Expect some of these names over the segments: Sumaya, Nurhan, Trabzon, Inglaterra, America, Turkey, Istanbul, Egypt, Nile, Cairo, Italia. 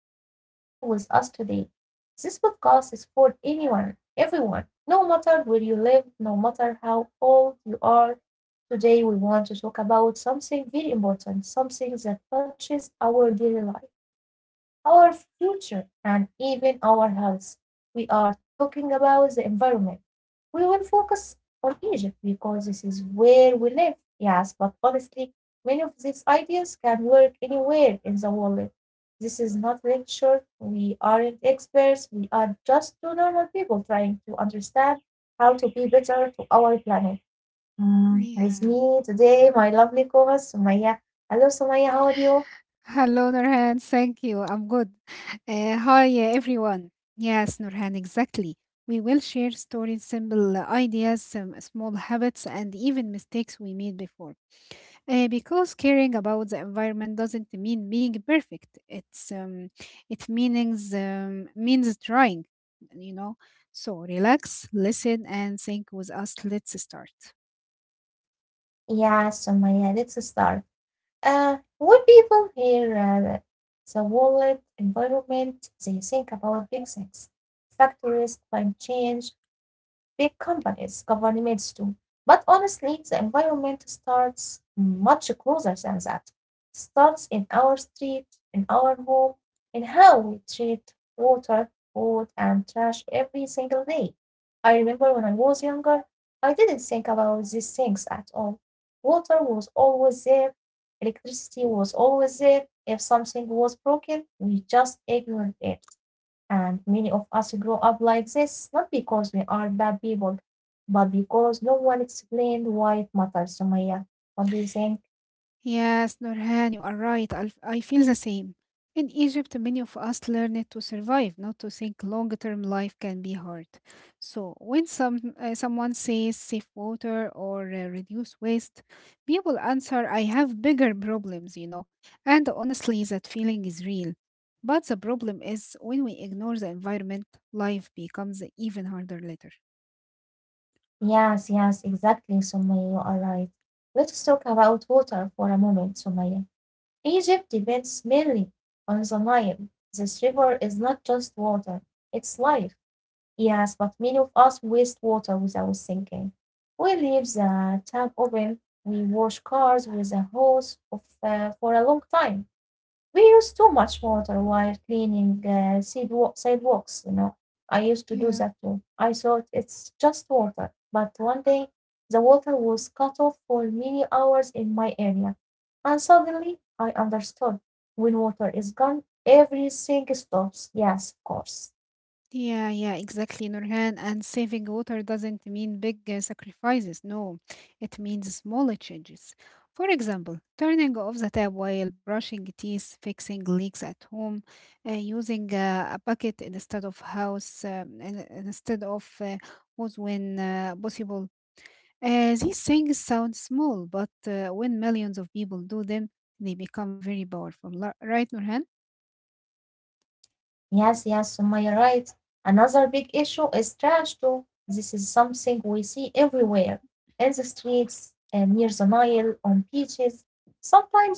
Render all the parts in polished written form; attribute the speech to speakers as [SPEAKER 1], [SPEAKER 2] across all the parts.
[SPEAKER 1] happy you are here with us today. This podcast is for anyone, everyone, no matter where you live, no matter how old you are. Today, we want to talk about something very important, something that touches our daily life, our future, and even our health. We are talking about the environment. We will focus on Egypt because this is where we live. Yes, but honestly, many of these ideas can work anywhere in the world. This is not lecture. We aren't experts. We are just two normal people trying to understand how to be better to our planet. With
[SPEAKER 2] Yeah.
[SPEAKER 1] me today, my lovely co-host Sumaya. Hello, Sumaya. How are you?
[SPEAKER 2] Hello, Nurhan. Thank you. I'm good. Hi, everyone. Yes, Nurhan, exactly. We will share stories, simple ideas, some small habits, and even mistakes we made before. Because caring about the environment doesn't mean being perfect. It means trying. You know. So relax, listen, and think with us. Let's start.
[SPEAKER 1] Yeah, Sumaya. Let's start. When people hear the world environment, they think about big things, factories, climate change, big companies, governments too. But honestly, the environment starts much closer than that. It starts in our street, in our home, in how we treat water, food, and trash every single day. I remember when I was younger, I didn't think about these things at all. Water was always there, electricity was always there. If something was broken, we just ignored it. And many of us grow up like this, not because we are bad people, but because no one explained why it matters, Sumaya. What do you think?
[SPEAKER 2] Yes, Nurhan, you are right. I feel the same. In Egypt, many of us learn it to survive, not to think long term life can be hard. So, when someone says save water or reduce waste, people answer, I have bigger problems, you know. And honestly, that feeling is real. But the problem is when we ignore the environment, life becomes even harder later.
[SPEAKER 1] Yes, yes, exactly, Sumaya, you are right. Let's talk about water for a moment, Sumaya. Egypt depends mainly on the Nile. This river is not just water, it's life. Yes, but many of us waste water without thinking. We leave the tap open, we wash cars with a hose for a long time. We use too much water while cleaning sidewalks, you know. I used to do that
[SPEAKER 2] Yeah,
[SPEAKER 1] too. I thought it's just water, but one day the water was cut off for many hours in my area, and suddenly I understood. When water is gone, everything stops. Yes, of course.
[SPEAKER 2] yeah, yeah, exactly, Nurhan. And saving water doesn't mean big sacrifices. No, it means smaller changes. For example, turning off the tap while brushing teeth, fixing leaks at home, using a bucket instead of instead of hose when possible. These things sound small, but when millions of people do them, they become very powerful. Right, Nurhan?
[SPEAKER 1] Yes, yes, Sumaya, right. Another big issue is trash too. This is something we see everywhere, in the streets, and near the Nile, on beaches.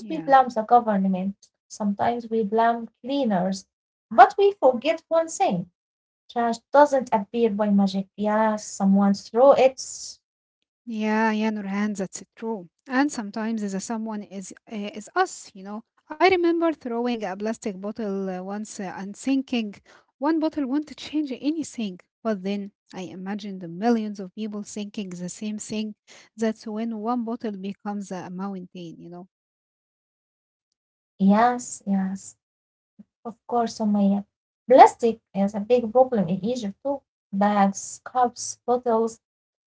[SPEAKER 2] Yeah.
[SPEAKER 1] we blame the government, sometimes we blame cleaners, but we forget one thing. Trash doesn't appear by magic. Yes, someone threw it.
[SPEAKER 2] Yeah, yeah, Nurhan, that's true. And sometimes the someone is us, you know. I remember throwing a plastic bottle once and thinking one bottle won't change anything. But then I imagined the millions of people thinking the same thing. That's when one bottle becomes a mountain, you know.
[SPEAKER 1] Yes, yes, of course, Sumaya. Plastic is a big problem in Egypt too. Bags, cups, bottles.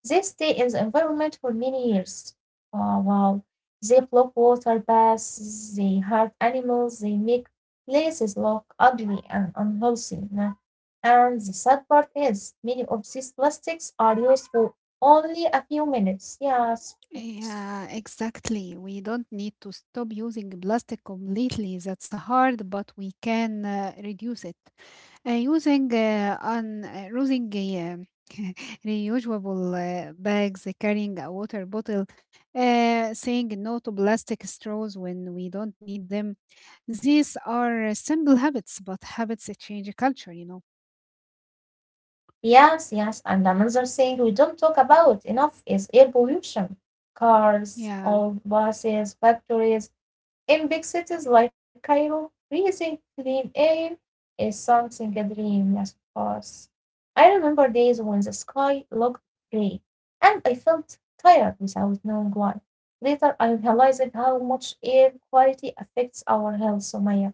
[SPEAKER 1] They stay in the environment for many years. Oh, wow. They block water paths, they hurt animals, they make places look ugly and unhealthy. And the sad part is, many of these plastics are used for only a few minutes. Yes, yes,
[SPEAKER 2] Yeah, exactly. We don't need to stop using plastic completely. That's hard, but we can reduce it. Using on using Reusable bags, carrying a water bottle, saying no to plastic straws when we don't need them. These are simple habits, but habits that change a culture, you know.
[SPEAKER 1] yes. Yes. And another thing we don't talk about enough is air pollution. Cars,
[SPEAKER 2] Yeah.
[SPEAKER 1] old buses, factories, in big cities like Cairo, breathing clean air is something a dream must pass. I remember days when the sky looked grey and I felt tired without knowing why. Later, I realized how much air quality affects our health, Somaya.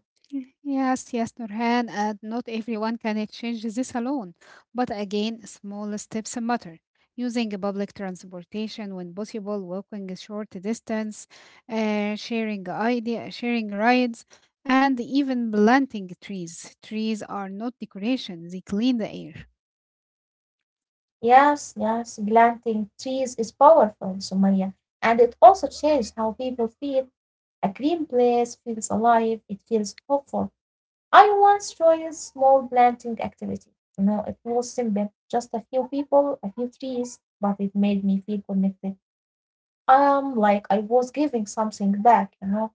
[SPEAKER 2] Yes, yes, Nurhan, and not everyone can change this alone. But again, small steps matter. Using a public transportation when possible, walking a short distance, sharing rides, and even planting trees. Trees are not decoration; they clean the air.
[SPEAKER 1] Yes, yes, planting trees is powerful, Somaya, and it also changed how people feel. A green place feels alive, it feels hopeful. I once joined a small planting activity. You know, it was simple, just a few people, a few trees, but it made me feel connected. Like I was giving something back.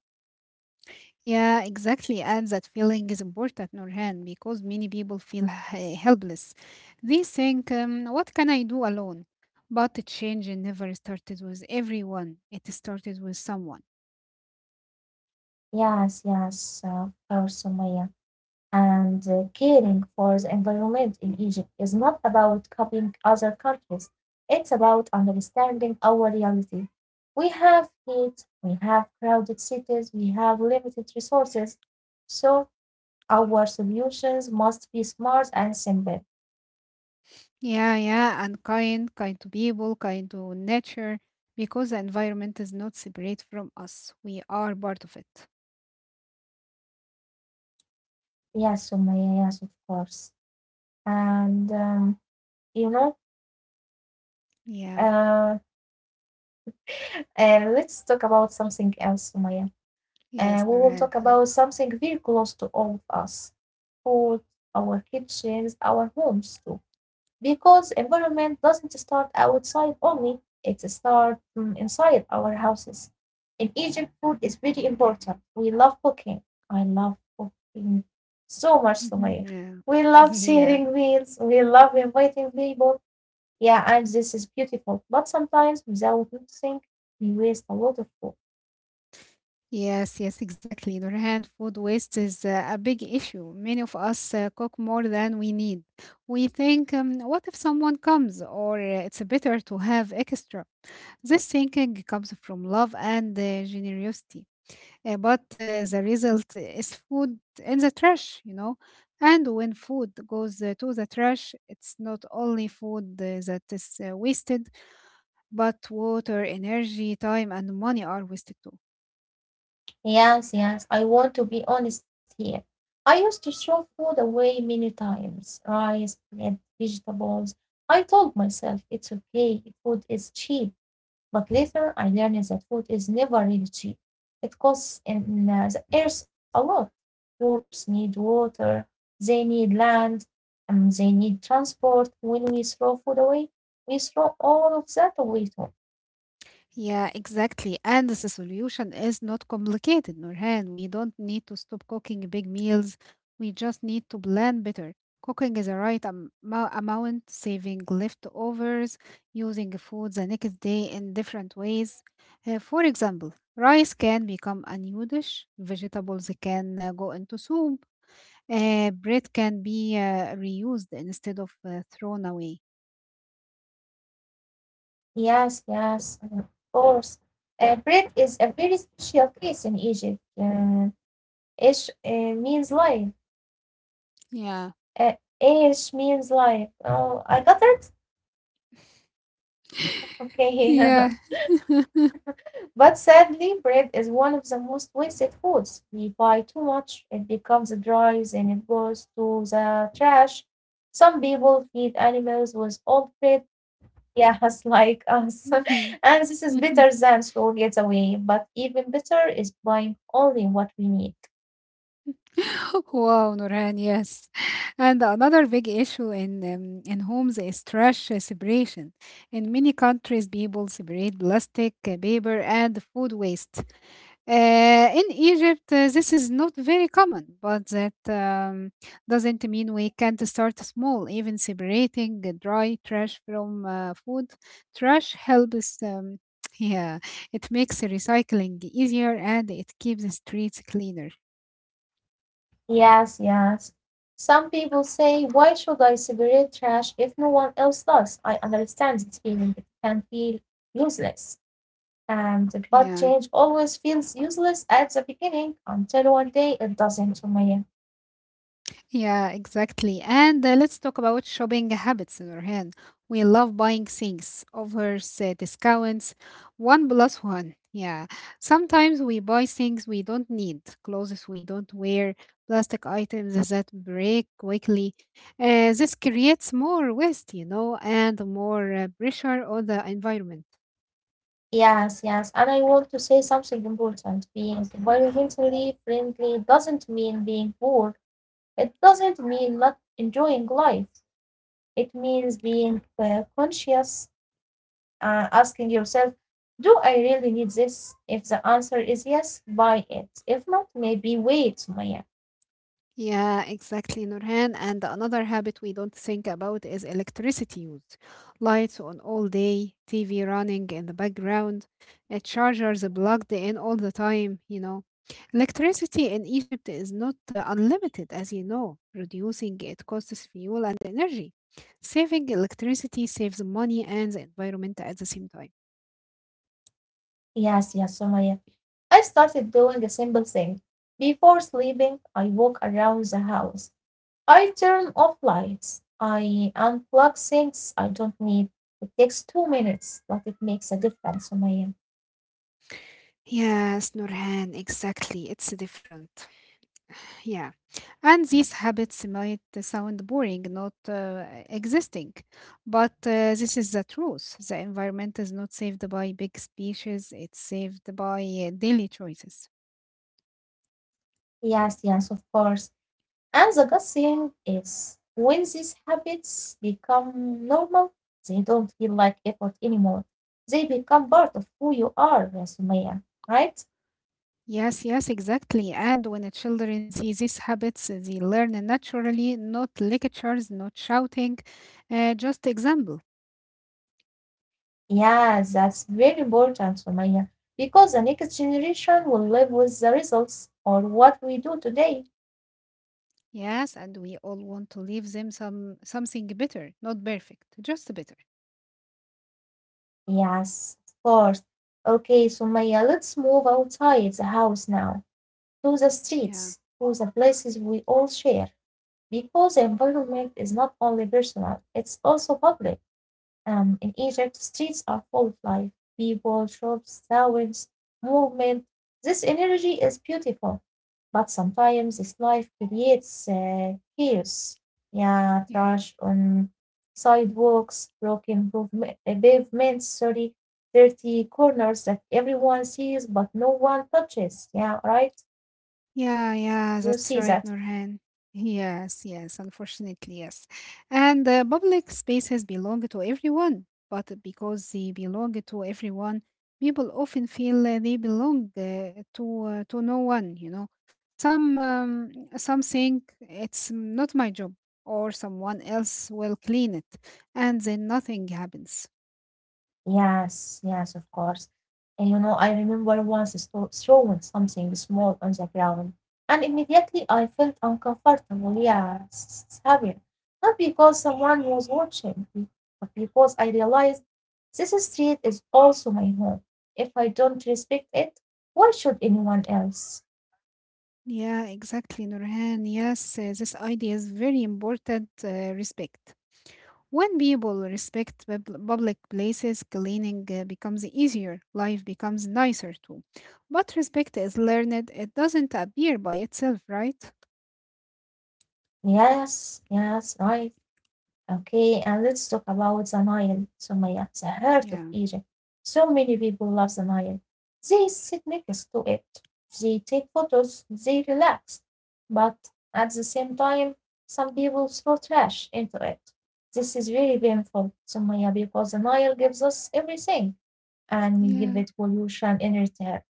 [SPEAKER 2] Yeah, exactly. And that feeling is important, Nurhan, because many people feel helpless. They think, what can I do alone? But the change never started with everyone, it started with someone.
[SPEAKER 1] Yes, yes, of course, Sumaya. And caring for the environment in Egypt is not about copying other countries. It's about understanding our reality. We have heat, we have crowded cities, we have limited resources. So our solutions must be smart and simple.
[SPEAKER 2] Yeah, yeah, and kind, kind to people, kind to nature, because the environment is not separate from us. We are part of it.
[SPEAKER 1] Yes, Sumaya, yes, of course. And you know,
[SPEAKER 2] Yeah,
[SPEAKER 1] uh, let's talk about something else, Sumaya.
[SPEAKER 2] yes,
[SPEAKER 1] We will
[SPEAKER 2] Nurhan.
[SPEAKER 1] talk about something very close to all of us: food, our kitchens, our homes too. Because environment doesn't start outside only, it starts inside our houses. In Egypt, food is very important. We love cooking. I love cooking so much, Sumaya.
[SPEAKER 2] Yeah,
[SPEAKER 1] We love
[SPEAKER 2] yeah.
[SPEAKER 1] sharing meals. We love inviting people. Yeah, and this is beautiful. But sometimes, without noticing, we waste a lot of food.
[SPEAKER 2] Yes, yes, exactly. Nurhan, food waste is a big issue. Many of us cook more than we need. We think, what if someone comes, or it's better to have extra. This thinking comes from love and generosity. But the result is food in the trash, you know. And when food goes to the trash, it's not only food that is wasted, but water, energy, time, and money are wasted too.
[SPEAKER 1] Yes, yes, I want to be honest here. I used to throw food away many times, rice, bread, vegetables. I told myself it's okay, food is cheap. But later I learned that food is never really cheap. It costs in the earth a lot. Crops need water, they need land, and they need transport. When we throw food away, we throw all of that away too.
[SPEAKER 2] Yeah, exactly. And the solution is not complicated, Nurhan. We don't need to stop cooking big meals. We just need to plan better. Cooking is a right amount, saving leftovers, using food the next day in different ways. For example, rice can become a new dish, vegetables can go into soup, bread can be reused instead of thrown away.
[SPEAKER 1] Yes, yes, of course. Bread is a very special case in Egypt. Ish means life.
[SPEAKER 2] Yeah.
[SPEAKER 1] Ish means life. Oh, I got it? Okay.
[SPEAKER 2] Yeah.
[SPEAKER 1] But sadly, bread is one of the most wasted foods. We buy too much, it becomes dry, and it goes to the trash. Some people feed animals with old bread. Yes, like us. And this is better than slow getaway, but even better is buying only what we need.
[SPEAKER 2] Wow, Nurhan, yes. And another big issue in homes is trash separation. In many countries, people separate plastic, paper, and food waste. In Egypt, this is not very common, but that doesn't mean we can't start small. Even separating the dry trash from food trash helps. Yeah, it makes recycling easier and it keeps the streets cleaner.
[SPEAKER 1] Yes, yes. Some people say, why should I separate trash if no one else does? I understand this feeling. It can feel useless. And but
[SPEAKER 2] Yeah.
[SPEAKER 1] change always feels useless at the beginning until one day it doesn't, Sumaya.
[SPEAKER 2] Yeah, exactly. And let's talk about shopping habits in our hand. We love buying things, offers, discounts, one plus one. Yeah. Sometimes we buy things we don't need, clothes we don't wear, plastic items that break quickly. This creates more waste, you know, and more pressure on the environment.
[SPEAKER 1] Yes, yes. And I want to say something important. Being environmentally friendly doesn't mean being poor. It doesn't mean not enjoying life. It means being conscious, asking yourself, do I really need this? If the answer is yes, buy it. If not, maybe wait, Sumaya.
[SPEAKER 2] Yeah, exactly, Nurhan. And another habit we don't think about is electricity use. Lights on all day, TV running in the background, chargers plugged in all the time, you know. Electricity in Egypt is not unlimited, as you know. Reducing it costs fuel and energy. Saving electricity saves money and the environment at the same time.
[SPEAKER 1] Yes, yes, Sumaya. I started doing a simple thing. Before sleeping, I walk around the house. I turn off lights. I unplug things I don't need. It takes 2 minutes, but it makes a difference, Sumaya.
[SPEAKER 2] Yes, Nurhan, exactly. It's different. Yeah. And these habits might sound boring, not existing, but this is the truth. The environment is not saved by big speeches, it's saved by daily choices.
[SPEAKER 1] Yes, yes, of course. And the good thing is, when these habits become normal, they don't feel like effort anymore. They become part of who you are, yeah, Sumaya, right?
[SPEAKER 2] Yes, yes, exactly. And when the children see these habits, they learn naturally, not lectures, not shouting, just example.
[SPEAKER 1] Yes, that's very important, Sumaya, because the next generation will live with the results or what we do today.
[SPEAKER 2] Yes, and we all want to leave them something better, not perfect, just better.
[SPEAKER 1] Yes, of course. Okay, Sumaya, let's move outside the house now, to the
[SPEAKER 2] Yeah,
[SPEAKER 1] streets, to the places we all share. Because the environment is not only personal, it's also public. In Egypt, streets are full of life, people, shops, sounds, movement. This energy is beautiful, but sometimes this life creates chaos. Yeah,
[SPEAKER 2] yeah.
[SPEAKER 1] trash on sidewalks, broken pavements, sorry, dirty corners that everyone sees but no one touches. Yeah, right?
[SPEAKER 2] Yeah, yeah,
[SPEAKER 1] You
[SPEAKER 2] that's
[SPEAKER 1] see
[SPEAKER 2] right,
[SPEAKER 1] that?
[SPEAKER 2] Nurhan. Yes, yes, unfortunately, yes. And public spaces belong to everyone, but because they belong to everyone, people often feel they belong to no one, you know. Some um, some think it's not my job, or someone else will clean it, and then nothing happens.
[SPEAKER 1] Yes, yes, of course. And you know, I remember once throwing something small on the ground, and immediately I felt uncomfortable. Yeah, s- s- having not because someone was watching, but because I realized this street is also my home. If I don't respect it, why should anyone else?
[SPEAKER 2] Yeah, exactly, Nurhan. Yes, this idea is very important. Respect. When people respect public places, cleaning becomes easier, life becomes nicer too. But respect is learned, it doesn't appear by itself, right?
[SPEAKER 1] Yes, yes, right. Okay, and let's talk about the Nile, Sumaya, the heart of
[SPEAKER 2] Yeah.
[SPEAKER 1] Egypt. So many people love the Nile. They sit next to it, they take photos, they relax. But at the same time, some people throw trash into it. This is very painful, Sumaya, because the Nile gives us everything and we give
[SPEAKER 2] Yeah.
[SPEAKER 1] it pollution in return.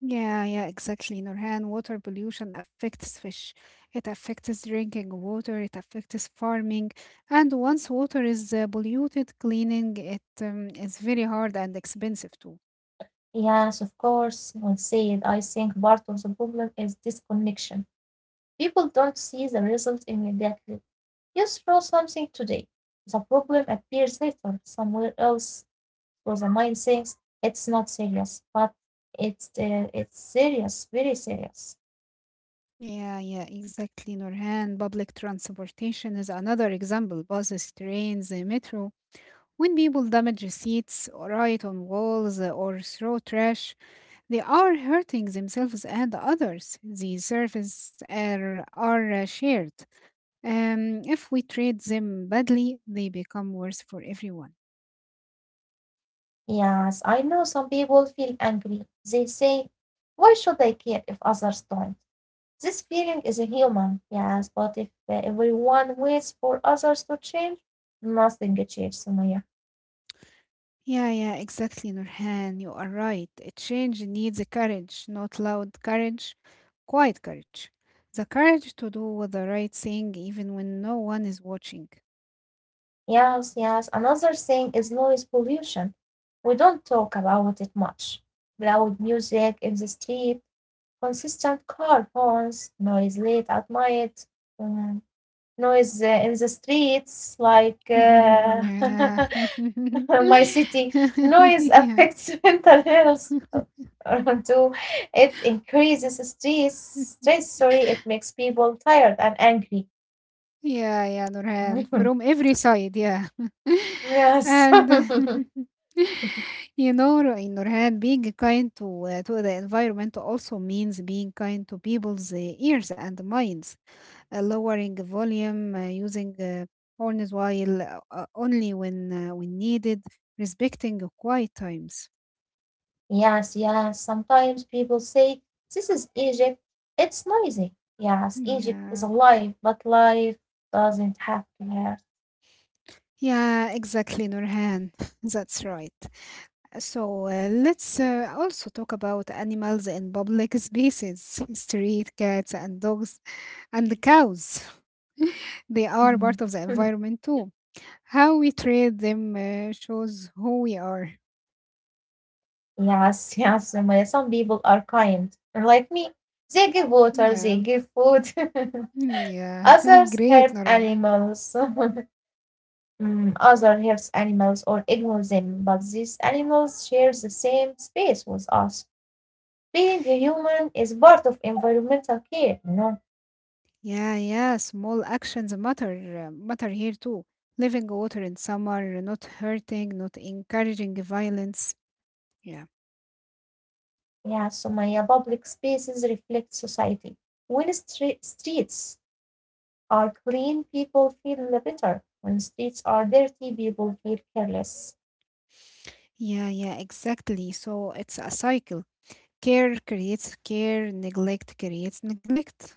[SPEAKER 2] Yeah, yeah, exactly, Nurhan. Water pollution affects fish. It affects drinking water. It affects farming. And once water is polluted, cleaning it is very hard and expensive too.
[SPEAKER 1] Yes, of course, one said, I think part of the problem is disconnection. People don't see the result immediately. You throw something today, the problem appears later somewhere else, so the mind thinks it's not serious, but it's serious, very serious.
[SPEAKER 2] Yeah, yeah, exactly, Nurhan. Public transportation is another example. Buses, trains, metro. When people damage seats, or write on walls, or throw trash, they are hurting themselves and others. The surfaces are shared. If we treat them badly, they become worse for everyone.
[SPEAKER 1] Yes, I know some people feel angry. They say, why should I care if others don't? This feeling is a human, yes, but if everyone waits for others to change, nothing changes, Sumaya.
[SPEAKER 2] Yeah, yeah, exactly, Nurhan. You are right. A change needs a courage, not loud courage, quiet courage. The courage to do the right thing even when no one is watching.
[SPEAKER 1] Yes, yes. Another thing is noise pollution. We don't talk about it much. Loud music in the street, consistent car horns, noise late at night, um, noise in the streets like
[SPEAKER 2] Yeah.
[SPEAKER 1] my city. Noise
[SPEAKER 2] Yeah.
[SPEAKER 1] affects mental health too. It increases stress. Stress, sorry, it makes people tired and angry.
[SPEAKER 2] Yeah, yeah, Nurhan, from every side, yeah.
[SPEAKER 1] Yes.
[SPEAKER 2] And you know, Nurhan, being kind to the environment also means being kind to people's ears and minds, lowering the volume, using horns while only when needed, respecting quiet times.
[SPEAKER 1] Yes, yes. Sometimes people say, this is Egypt. It's noisy. Yes, Egypt is
[SPEAKER 2] Yeah,
[SPEAKER 1] alive, but life doesn't have to hurt.
[SPEAKER 2] yeah, exactly, Nurhan. That's right. So let's also talk about animals in public spaces, street cats and dogs and cows. They
[SPEAKER 1] Mhm.
[SPEAKER 2] are part of the environment too. How we treat them shows who we are.
[SPEAKER 1] Yes, yes, Sumaya. Some people are kind. Like me, they give water,
[SPEAKER 2] Yeah,
[SPEAKER 1] they give food.
[SPEAKER 2] yeah,
[SPEAKER 1] Others
[SPEAKER 2] great,
[SPEAKER 1] hurt
[SPEAKER 2] Noren.
[SPEAKER 1] animals. Others hurt animals or ignore them, but these animals share the same space with us. Being a human is part of environmental care, you know.
[SPEAKER 2] Yeah, yeah, small actions matter, matter here too. Living water in summer, not hurting, not encouraging violence. Yeah,
[SPEAKER 1] Yeah, Sumaya, public spaces reflect society. When streets are clean, people feel better. When streets are dirty, people feel careless.
[SPEAKER 2] yeah, yeah, exactly. So it's a cycle. Care creates care, neglect creates neglect.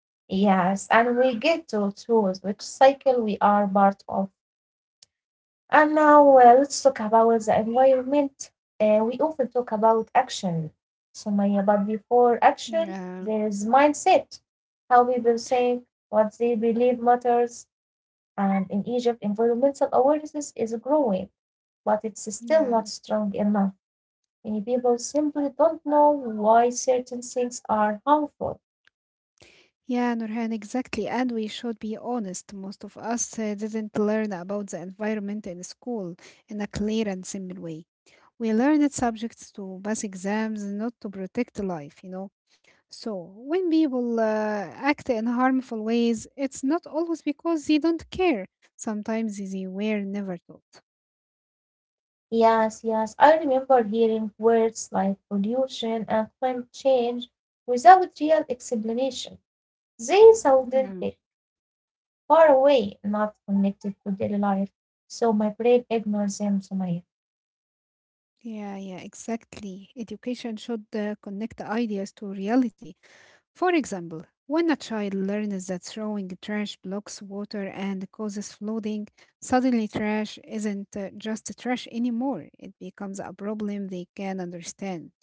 [SPEAKER 1] Yes, and we get to choose which cycle we are part of. And now let's talk about the environment. We often talk about action, Sumaya, but before action,
[SPEAKER 2] Yeah,
[SPEAKER 1] there is mindset. How people think, what they believe matters, and in Egypt, environmental awareness is growing. But it's still
[SPEAKER 2] yeah.
[SPEAKER 1] not strong enough. Many people simply don't know why certain things are harmful.
[SPEAKER 2] Yeah, Nurhan, exactly. And we should be honest. Most of us didn't learn about the environment in school in a clear and simple way. We learned subjects to pass exams, not to protect life, you know. So, when people act in harmful ways, it's not always because they don't care. Sometimes they were never taught.
[SPEAKER 1] Yes, yes, I remember hearing words like pollution and climate change without real explanation. They sounded
[SPEAKER 2] Yeah.
[SPEAKER 1] big, far away, not connected to daily life, so my brain ignores them somehow.
[SPEAKER 2] Yeah, yeah, exactly. Education should connect ideas to reality. For example, when a child learns that throwing trash blocks water and causes flooding, suddenly trash isn't just trash anymore. It becomes a problem they can understand.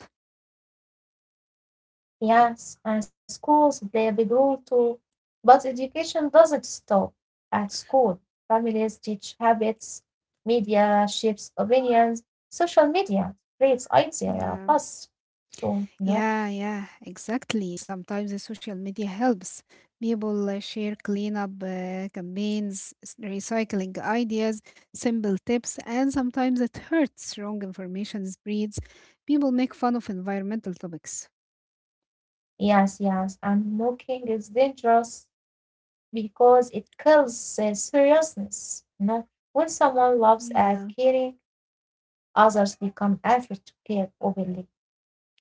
[SPEAKER 1] Yes, and schools play a big role too. But education doesn't stop at school. Families teach habits, media shapes opinions, social media spreads
[SPEAKER 2] Yeah.
[SPEAKER 1] ideas fast. So, you know,
[SPEAKER 2] Yeah, yeah, exactly. Sometimes the social media helps. People share cleanup campaigns, recycling ideas, simple tips, and sometimes it hurts. Wrong information spreads. People make fun of environmental topics.
[SPEAKER 1] yes, yes, and mocking is dangerous because it kills seriousness. When someone laughs at
[SPEAKER 2] Yeah,
[SPEAKER 1] caring, others become afraid to care openly.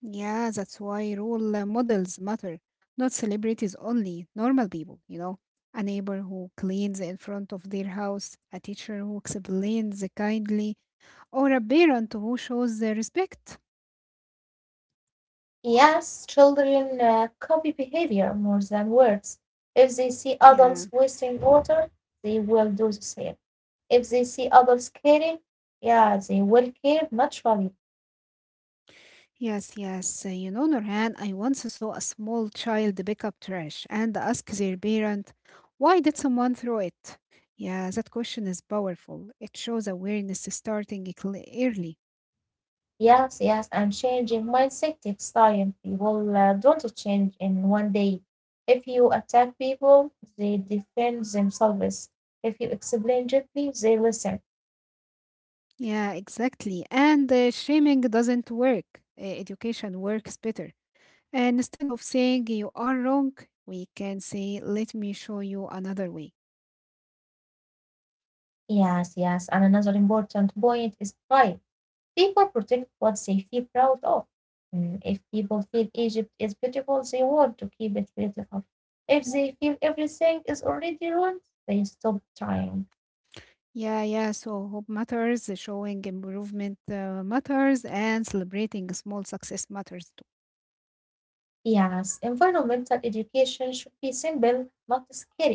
[SPEAKER 2] yeah, that's why role models matter. Not celebrities only, normal people, you know. A neighbor who cleans in front of their house, a teacher who explains kindly, or a parent who shows the respect.
[SPEAKER 1] Yes, children copy behavior more than words. If they see
[SPEAKER 2] Yeah.
[SPEAKER 1] adults wasting water, they will do the same. If they see adults caring, yeah, they will care naturally.
[SPEAKER 2] Yes, yes. You know, Nurhan, I once saw a small child pick up trash and ask their parent, why did someone throw it? Yeah, that question is powerful. It shows awareness starting early.
[SPEAKER 1] Yes, yes, and changing mindset takes time. People don't change in one day. If you attack people, they defend themselves. If you explain gently, they listen.
[SPEAKER 2] Yeah, exactly. And shaming doesn't work. Education works better. And instead of saying you are wrong, we can say, let me show you another way.
[SPEAKER 1] Yes, yes, and another important point is pride. People protect what they feel proud of. Mm, if people feel Egypt is beautiful, they want to keep it beautiful. If they feel everything is already wrong, they stop trying.
[SPEAKER 2] Yeah, yeah. So hope matters, showing improvement matters, and celebrating small success matters too.
[SPEAKER 1] Yes, environmental education should be simple, not scary,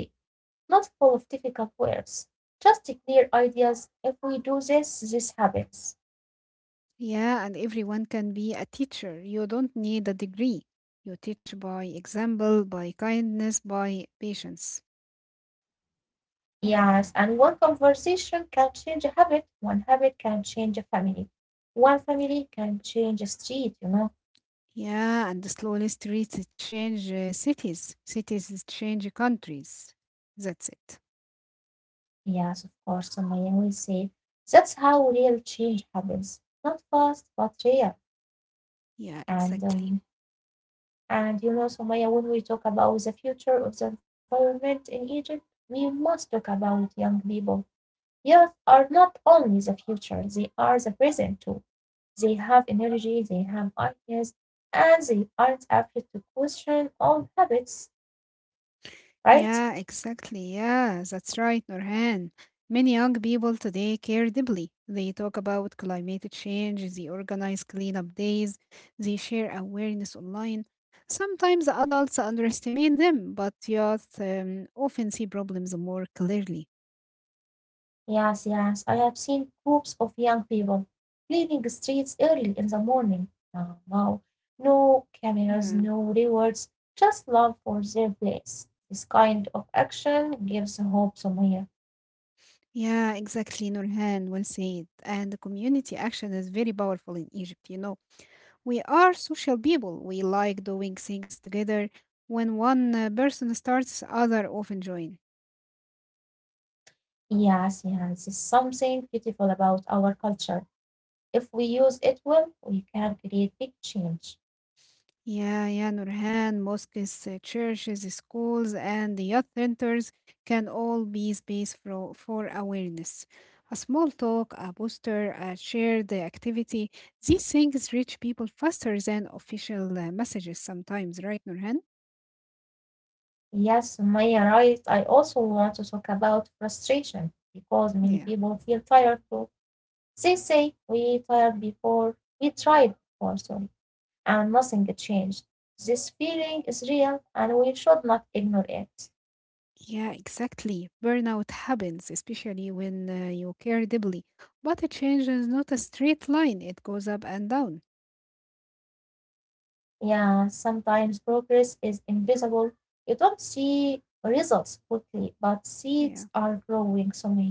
[SPEAKER 1] not full of difficult words. Just clear ideas. If we do this, this happens.
[SPEAKER 2] Yeah, and everyone can be a teacher. You don't need a degree. You teach by example, by kindness, by patience.
[SPEAKER 1] Yes, and one conversation can change a habit, one habit can change a family, one family can change a street.
[SPEAKER 2] Yeah, and the slowly streets change cities. Cities change countries. That's it.
[SPEAKER 1] Yes, of course, Sumaya will say. That's how real change happens. Not fast, but real.
[SPEAKER 2] Yeah,
[SPEAKER 1] And
[SPEAKER 2] exactly.
[SPEAKER 1] Sumaya, when we talk about the future of the environment in Egypt, we must talk about young people. Youth are not only the future, they are the present too. They have energy, they have ideas, and they aren't afraid to question old habits, right?
[SPEAKER 2] Yeah, exactly. Yeah, that's right, Nurhan. Many young people today care deeply. They talk about climate change, they organize cleanup days, they share awareness online. Sometimes adults underestimate them, but youth often see problems more clearly.
[SPEAKER 1] Yes, yes, I have seen groups of young people cleaning the streets early in the morning. Now, wow, no cameras,
[SPEAKER 2] Yeah,
[SPEAKER 1] no rewards, just love for their place. This kind of action gives hope, Sumaya.
[SPEAKER 2] yeah, exactly, Nurhan. Well said. And the community action is very powerful in Egypt, you know. We are social people. We like doing things together. When one person starts, other often join.
[SPEAKER 1] Yes, yes, it's something beautiful about our culture. If we use it well, we can create big change.
[SPEAKER 2] Yeah, yeah, Nurhan, mosques, churches, schools, and youth centers can all be space for awareness. A small talk, a poster, a shared activity. These things reach people faster than official messages sometimes, right, Nurhan?
[SPEAKER 1] Yes, Sumaya, right. I also want to talk about frustration because many people
[SPEAKER 2] Yeah.
[SPEAKER 1] feel tired too. They say we tried before," sorry, and nothing changed. This feeling is real, and we should not ignore it.
[SPEAKER 2] Yeah, exactly. Burnout happens, especially when you care deeply. But a change is not a straight line, it goes up and down.
[SPEAKER 1] Yeah, sometimes progress is invisible. You don't see results quickly, but seeds
[SPEAKER 2] Yeah.
[SPEAKER 1] are growing slowly.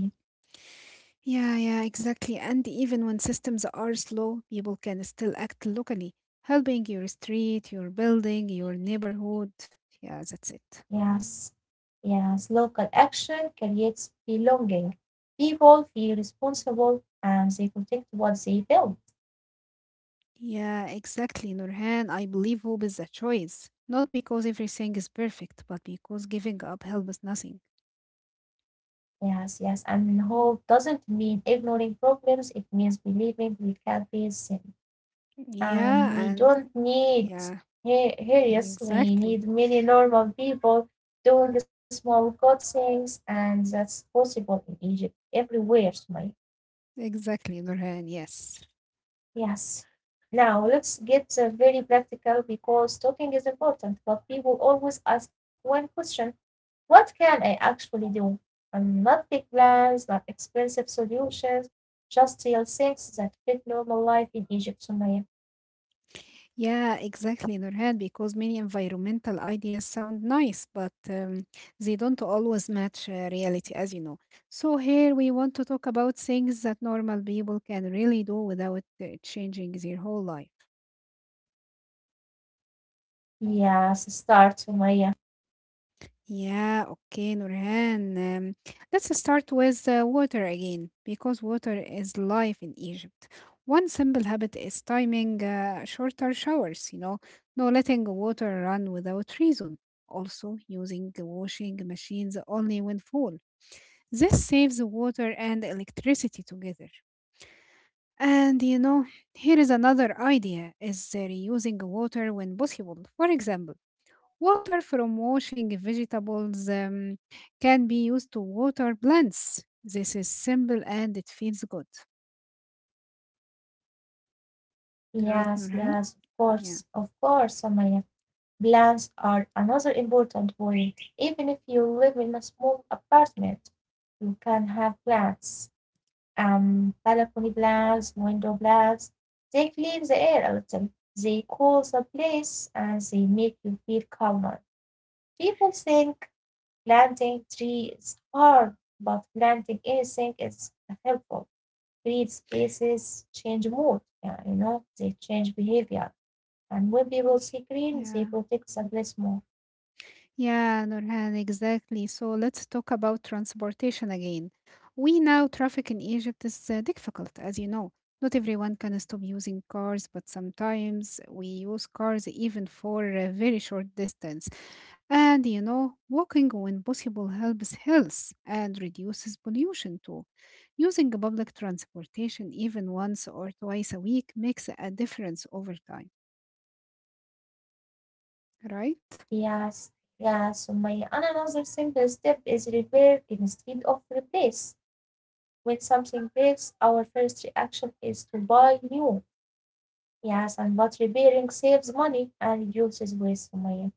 [SPEAKER 2] Yeah, yeah, exactly. And even when systems are slow, people can still act locally, helping your street, your building, your neighborhood. Yeah, that's it.
[SPEAKER 1] Yes, yes. Local action creates belonging. People feel responsible and they protect what they build.
[SPEAKER 2] Yeah, exactly, Nurhan. I believe hope is a choice. Not because everything is perfect, but because giving up helps nothing.
[SPEAKER 1] Yes, yes. And hope doesn't mean ignoring problems. It means believing we can face them. And
[SPEAKER 2] Yeah,
[SPEAKER 1] we
[SPEAKER 2] and
[SPEAKER 1] don't need
[SPEAKER 2] yeah,
[SPEAKER 1] heroes. We
[SPEAKER 2] exactly.
[SPEAKER 1] need many normal people doing small good things, and that's possible in Egypt, everywhere, Sumaya.
[SPEAKER 2] Exactly, Nurhan. Yes.
[SPEAKER 1] Yes. Now, let's get very practical because talking is important, but people always ask one question. What can I actually do? Not big plans, not expensive solutions, just real things that fit normal life in Egypt, Sumaya.
[SPEAKER 2] Yeah, exactly, Nurhan, because many environmental ideas sound nice, but they don't always match reality, as you know. So here we want to talk about things that normal people can really do without changing their whole life.
[SPEAKER 1] Yes, start, Sumaya.
[SPEAKER 2] Yeah, okay, Nurhan. Let's start with water again, because water is life in Egypt. One simple habit is timing shorter showers, you know, no letting water run without reason. Also, using the washing machines only when full. This saves water and electricity together. And you know, here is another idea: is reusing water when possible. For example, water from washing vegetables can be used to water plants. This is simple and it feels good. Right,
[SPEAKER 1] Yes,
[SPEAKER 2] Nurhan?
[SPEAKER 1] yes,
[SPEAKER 2] Yeah.
[SPEAKER 1] of course, Sumaya. Plans are another important point. Even if you live in a small apartment, you can have plants, balcony plants, window plants. They clean the air a little. They cool the place and they make you feel calmer. People think planting trees is hard, but planting anything is helpful. Create spaces, change mood, yeah, they change behavior. And when people see
[SPEAKER 2] Y-
[SPEAKER 1] green, they
[SPEAKER 2] Yeah.
[SPEAKER 1] protect the place more.
[SPEAKER 2] Yeah, Nurhan, exactly. So let's talk about transportation again. We know traffic in Egypt is difficult, as you know. Not everyone can stop using cars, but sometimes we use cars even for very short distances. And you know, walking when possible helps health and reduces pollution too. Using public transportation even once or twice a week makes a difference over time, right?
[SPEAKER 1] Yes, yes. So my and another simple step is repair instead of replace. When something breaks, our first reaction is to buy new. Yes, and but repairing saves money and reduces waste, So my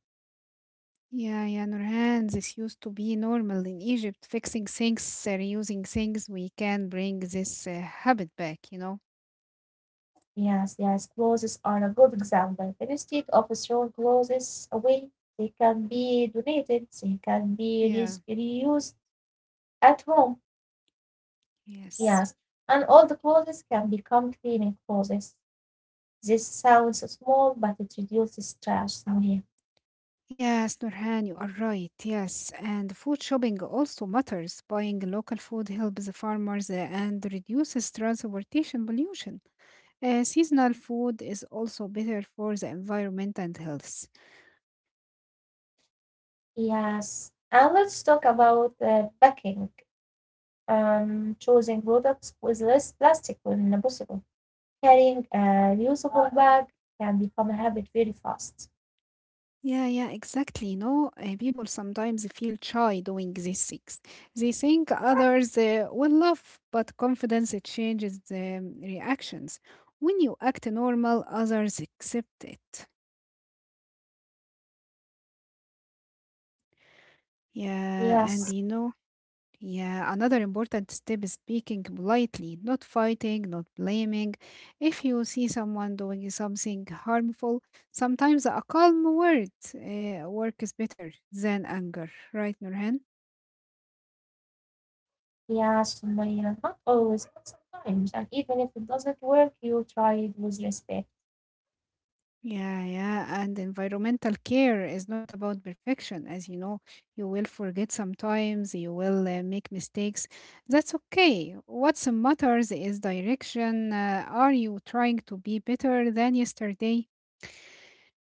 [SPEAKER 2] Yeah, yeah, Nurhan, this used to be normal in Egypt. Fixing things, reusing things, we can bring this habit back, you know?
[SPEAKER 1] Yes, yes, clothes are a good example. Instead of throwing clothes away, they can be donated, they can be
[SPEAKER 2] Yeah,
[SPEAKER 1] reused at home. Yes,
[SPEAKER 2] yes.
[SPEAKER 1] and all the clothes can become cleaning clothes. This sounds small, but it reduces trash somewhere.
[SPEAKER 2] Yes, Nurhan, you are right. Yes, and food shopping also matters. Buying local food helps the farmers and reduces transportation pollution. Seasonal food is also better for the environment and health.
[SPEAKER 1] Yes, and let's talk about packing. Choosing products with less plastic when possible. Carrying a reusable bag can become a habit very fast.
[SPEAKER 2] Yeah, yeah, exactly. You know, people sometimes feel shy doing these things. They think others will laugh, but confidence it changes the reactions. When you act normal, others accept it. Yeah,
[SPEAKER 1] Yes.
[SPEAKER 2] and you know, yeah, another important step is speaking politely, not fighting, not blaming. If you see someone doing something harmful, sometimes a calm word works better than anger, right, Nurhan?
[SPEAKER 1] Yeah, Sumaya, not always, but sometimes. And even if it doesn't work, you try it with respect.
[SPEAKER 2] Yeah, yeah, and environmental care is not about perfection. As you know, you will forget sometimes, you will make mistakes. That's okay. What matters is direction. Are you trying to be better than yesterday?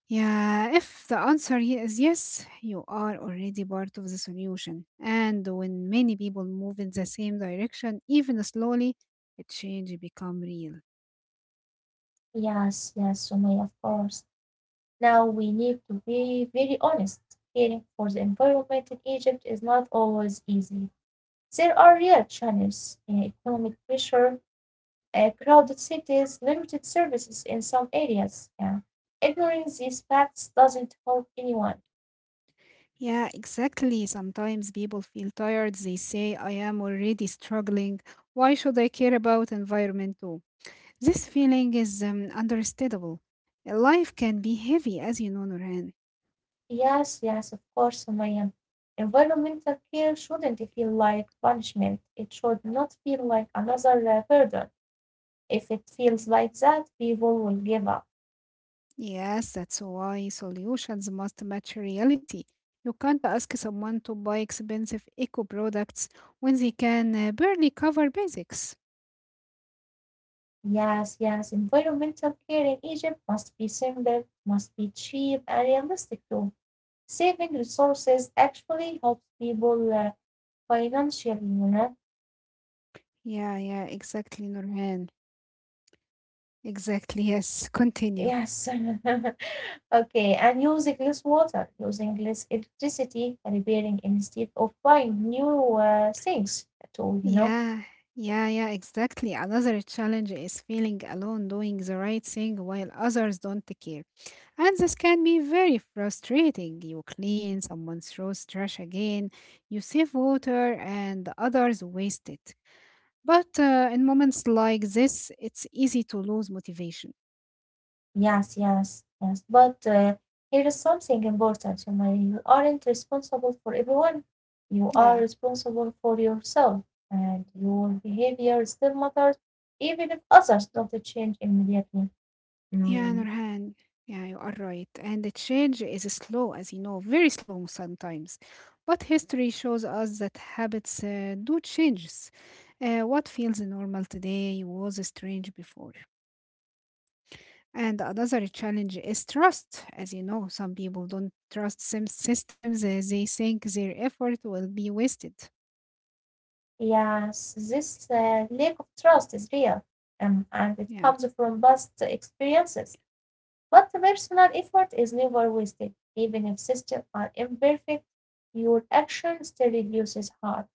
[SPEAKER 2] Yeah, if the answer here is yes, you are already part of the solution. And when many people move in the same direction, even slowly, a change become real.
[SPEAKER 1] Yes, yes, Sumaya, of course. Now we need to be very honest. Caring for the environment in Egypt is not always easy. There are real challenges, economic pressure, crowded cities, limited services in some areas. Yeah. Ignoring these facts doesn't help anyone.
[SPEAKER 2] Yeah, exactly. Sometimes people feel tired. They say, I am already struggling. Why should I care about environment too? This feeling is understandable. Life can be heavy, as you know, Nurhan.
[SPEAKER 1] Yes, yes, of course, Umayyan. Environmental care shouldn't feel like punishment. It should not feel like another burden. If it feels like that, people will give up.
[SPEAKER 2] Yes, that's why solutions must match reality. You can't ask someone to buy expensive eco products when they can barely cover basics.
[SPEAKER 1] Yes, yes, environmental care in Egypt must be simple, must be cheap, and realistic too. Saving resources actually helps people financially.
[SPEAKER 2] Yeah, yeah, exactly, Nurhan. Exactly, yes. Continue.
[SPEAKER 1] Yes. Okay. And using less water, using less electricity, repairing instead of buying new things at all?
[SPEAKER 2] Yeah, yeah, yeah, exactly. Another challenge is feeling alone doing the right thing while others don't care. And this can be very frustrating. You clean, someone throws trash again, you save water, and others waste it. But in moments like this, it's easy to lose motivation.
[SPEAKER 1] Yes, yes, yes. But here is something important, Sumaya. You aren't responsible for everyone. You are
[SPEAKER 2] Yeah,
[SPEAKER 1] responsible for yourself, and your behavior still matters, even if others don't change immediately.
[SPEAKER 2] yeah,
[SPEAKER 1] Mm.
[SPEAKER 2] Nurhan. Yeah, you are right. And the change is slow, as you know, very slow sometimes. But history shows us that habits do changes. What feels normal today was strange before. And another challenge is trust. As you know, some people don't trust some systems. They think their effort will be wasted.
[SPEAKER 1] Yes, this lack of trust is real, and it
[SPEAKER 2] Yeah.
[SPEAKER 1] comes from past experiences. But the personal effort is never wasted. Even if systems are imperfect, your action still reduces harm.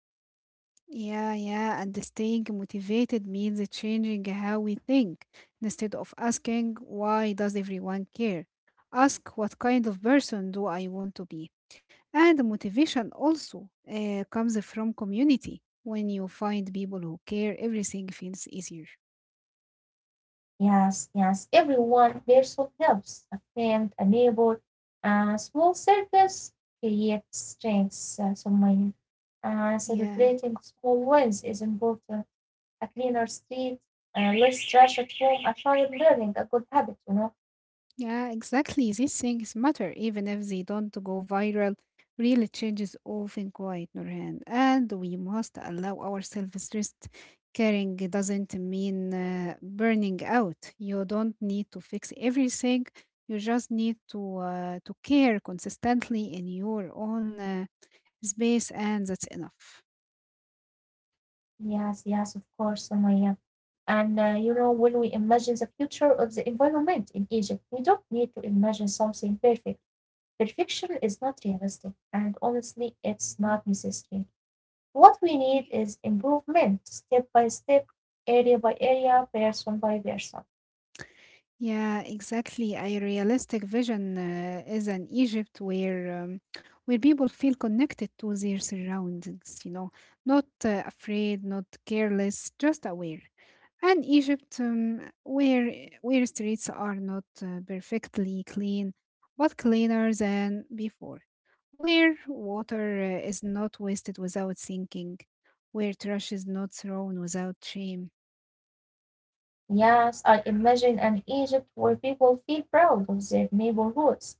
[SPEAKER 2] Yeah, yeah, and staying motivated means changing how we think. Instead of asking, why does everyone care? Ask, what kind of person do I want to be? And motivation also comes from community. When you find people who care, everything feels easier.
[SPEAKER 1] Yes, yes, every one person helps. A friend, a neighbor, a small service creates strengths. So my
[SPEAKER 2] Yeah.
[SPEAKER 1] celebrating small wins is important. A cleaner street, less trash at home. I tried learning a good habit.
[SPEAKER 2] Yeah, exactly. These things matter, even if they don't go viral. Real changes often quiet, Nurhan, and we must allow ourselves rest. Caring doesn't mean burning out. You don't need to fix everything. You just need to to care consistently in your own space, and that's enough.
[SPEAKER 1] Yes, yes, of course, Sumaya. And when we imagine the future of the environment in Egypt, we don't need to imagine something perfect. Perfection is not realistic, and honestly, it's not necessary. What we need is improvement, step by step, area by area, person by person.
[SPEAKER 2] Yeah, exactly. A realistic vision is an Egypt where people feel connected to their surroundings, you know, not afraid, not careless, just aware. And Egypt where streets are not perfectly clean, but cleaner than before. Where water is not wasted without sinking, where trash is not thrown without shame.
[SPEAKER 1] Yes, I imagine an Egypt where people feel proud of their neighborhoods,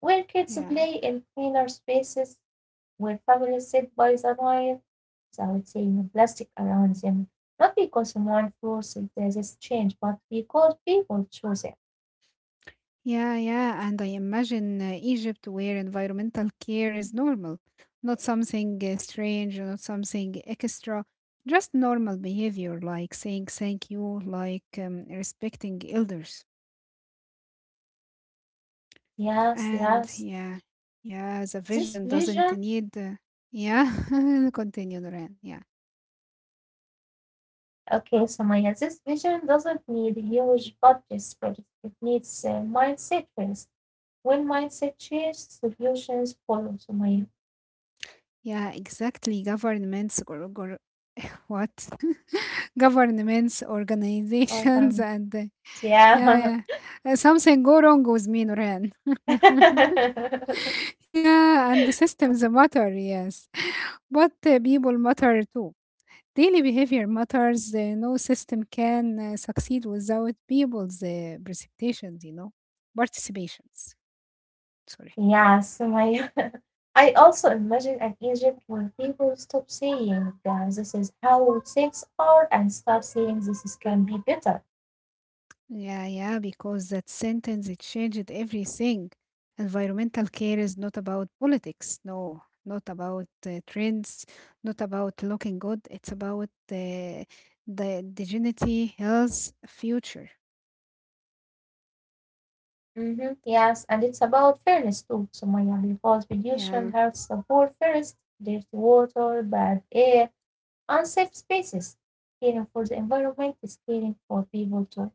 [SPEAKER 1] where kids
[SPEAKER 2] Yeah.
[SPEAKER 1] play in cleaner spaces, where families sit by the fire without seeing plastic around them, not because someone forced this change, but because people choose it.
[SPEAKER 2] Yeah, yeah, and I imagine Egypt where environmental care is normal, not something strange, not something extra, just normal behavior like saying thank you, like respecting elders.
[SPEAKER 1] Yes,
[SPEAKER 2] And
[SPEAKER 1] yes.
[SPEAKER 2] yeah, yeah, the
[SPEAKER 1] This
[SPEAKER 2] vision doesn't
[SPEAKER 1] vision,
[SPEAKER 2] need, yeah, continue, Duran. Yeah,
[SPEAKER 1] okay, so Maya, this vision doesn't need huge budgets first. It needs mindset first. When mindset changes, solutions follow. So Maya,
[SPEAKER 2] yeah, exactly. Governments or what? Governments,
[SPEAKER 1] I
[SPEAKER 2] organizations,
[SPEAKER 1] found-
[SPEAKER 2] and yeah,
[SPEAKER 1] yeah.
[SPEAKER 2] yeah, something go wrong with me, Nuran. Yeah, and the systems matter, yes. But people matter too. Daily behavior matters. No system can succeed without people's precipitations, you know, participations. Sorry.
[SPEAKER 1] Yes, my I also imagine an Egypt where people stop saying this is how things are and start saying this is can be better.
[SPEAKER 2] Yeah, yeah, because that sentence it changed everything. Environmental care is not about politics, no, not about trends, not about looking good. It's about the dignity, health, future.
[SPEAKER 1] Hmm, yes, and it's about fairness too, Sumaya, because
[SPEAKER 2] Yeah.
[SPEAKER 1] pollution hurts the poor first, dirty water, bad air, unsafe spaces. Caring for the environment is caring for people too.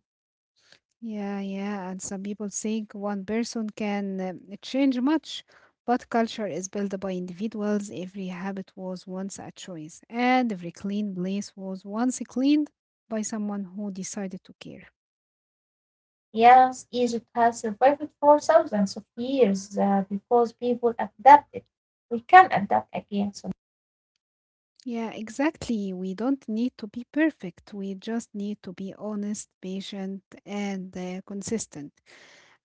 [SPEAKER 2] Yeah, yeah. And some people think one person can change much, but culture is built by individuals. Every habit was once a choice, and every clean place was once cleaned by someone who decided to care.
[SPEAKER 1] Yes, Egypt has survived for thousands of years because people adapted. We can adapt again, so
[SPEAKER 2] Yeah, exactly. We don't need to be perfect. We just need to be honest, patient, and consistent.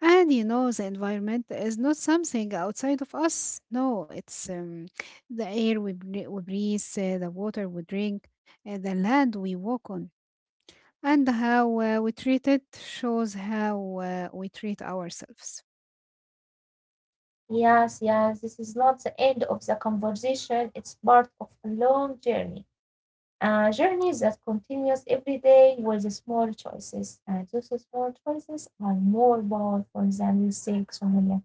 [SPEAKER 2] And you know, the environment is not something outside of us. No, it's the air we breathe, the water we drink, the land we walk on, and how we treat it shows how we treat ourselves.
[SPEAKER 1] yes, yes, this is not the end of the conversation. It's part of a long journey, a journey that continues every day with the small choices. And those small choices are more powerful than we think, Sonia.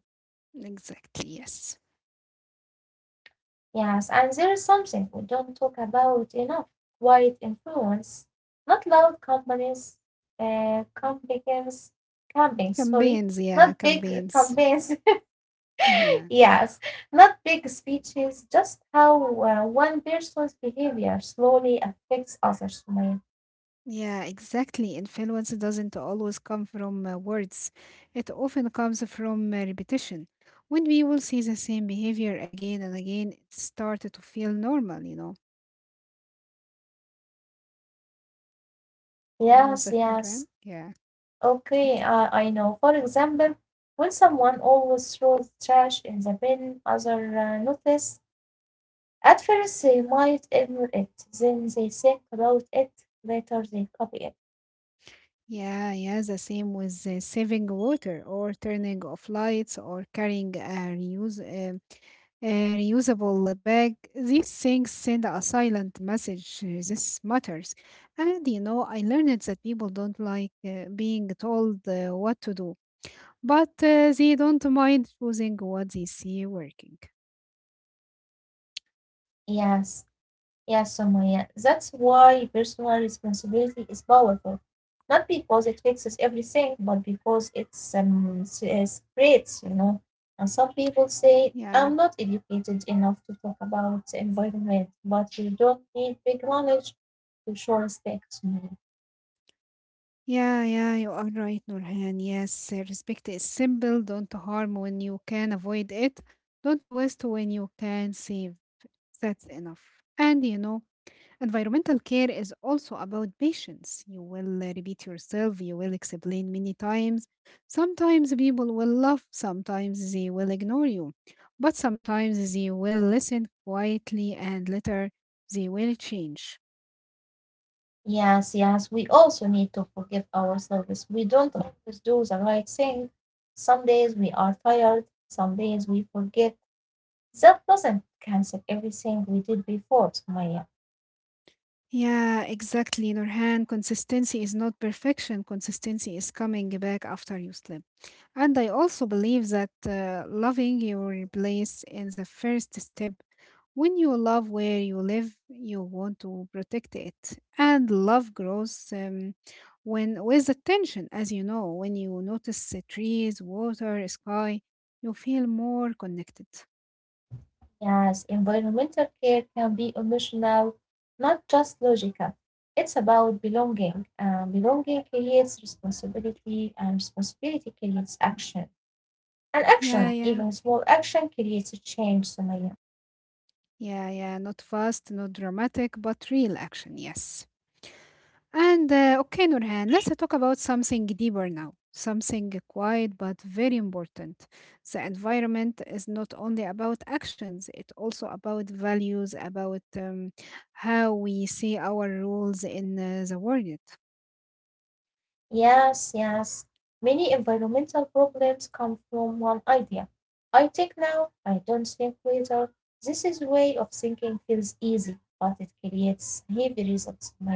[SPEAKER 2] Exactly, yes.
[SPEAKER 1] Yes, and there is something we don't talk about enough, quiet influence, not loud companies, uh, campaigns, campaigns, sorry,
[SPEAKER 2] Campaigns, yeah,
[SPEAKER 1] not big
[SPEAKER 2] campaigns.
[SPEAKER 1] campaigns,
[SPEAKER 2] Yeah.
[SPEAKER 1] Yes, not big speeches, just how one person's behavior slowly affects others, Sumaya.
[SPEAKER 2] Yeah, exactly. Influence doesn't always come from words. It often comes from repetition. When we will see the same behavior again and again, it started to feel normal, you know. You know
[SPEAKER 1] Yes,
[SPEAKER 2] that, Nuran?
[SPEAKER 1] yes.
[SPEAKER 2] Yeah.
[SPEAKER 1] Okay, I know. For example, when someone always throws trash in the bin, other notice. At first, they might ignore it, then they think about it, later they copy it.
[SPEAKER 2] Yeah, yeah, the same with saving water or turning off lights or carrying a reuse a reusable bag. These things send a silent message. This matters. And you know, I learned that people don't like being told what to do, but they don't mind choosing what they see working.
[SPEAKER 1] Yes, yes, Sumaya. That's why personal responsibility is powerful. Not because it fixes everything, but because it's s- spreads, And some people say,
[SPEAKER 2] Yeah.
[SPEAKER 1] I'm not educated enough to talk about the environment, but you don't need big knowledge to show respect. Mm.
[SPEAKER 2] Yeah, yeah, you are right, Nurhan. Yes, respect is simple. Don't harm when you can avoid it. Don't waste when you can save. That's enough. And you know, environmental care is also about patience. You will repeat yourself, you will explain many times. Sometimes people will laugh, sometimes they will ignore you, but sometimes they will listen quietly and later they will change.
[SPEAKER 1] Yes, yes, we also need to forgive ourselves. We don't always do the right thing. Some days we are tired, some days we forget. That doesn't cancel everything we did before, Maya.
[SPEAKER 2] Yeah, exactly, Nurhan. Consistency is not perfection. Consistency is coming back after you slip. And I also believe that loving your place is the first step. When you love where you live, you want to protect it. And love grows when with attention, as you know, when you notice the trees, water, sky, you feel more connected.
[SPEAKER 1] Yes, environmental care can be emotional, not just logical. It's about belonging, and belonging creates responsibility, and responsibility creates action. And
[SPEAKER 2] Yeah,
[SPEAKER 1] action,
[SPEAKER 2] yeah.
[SPEAKER 1] even small action, creates a change, Sumaya.
[SPEAKER 2] Yeah, yeah. Not fast, not dramatic, but real action. Yes. And okay, Nurhan, let's talk about something deeper now. Something quiet but very important. The environment is not only about actions, it's also about values, about how we see our roles in the world.
[SPEAKER 1] Yes, yes. Many environmental problems come from one idea. I think now, I don't think later. This is way of thinking feels easy, but it creates heavy results, Sumaya.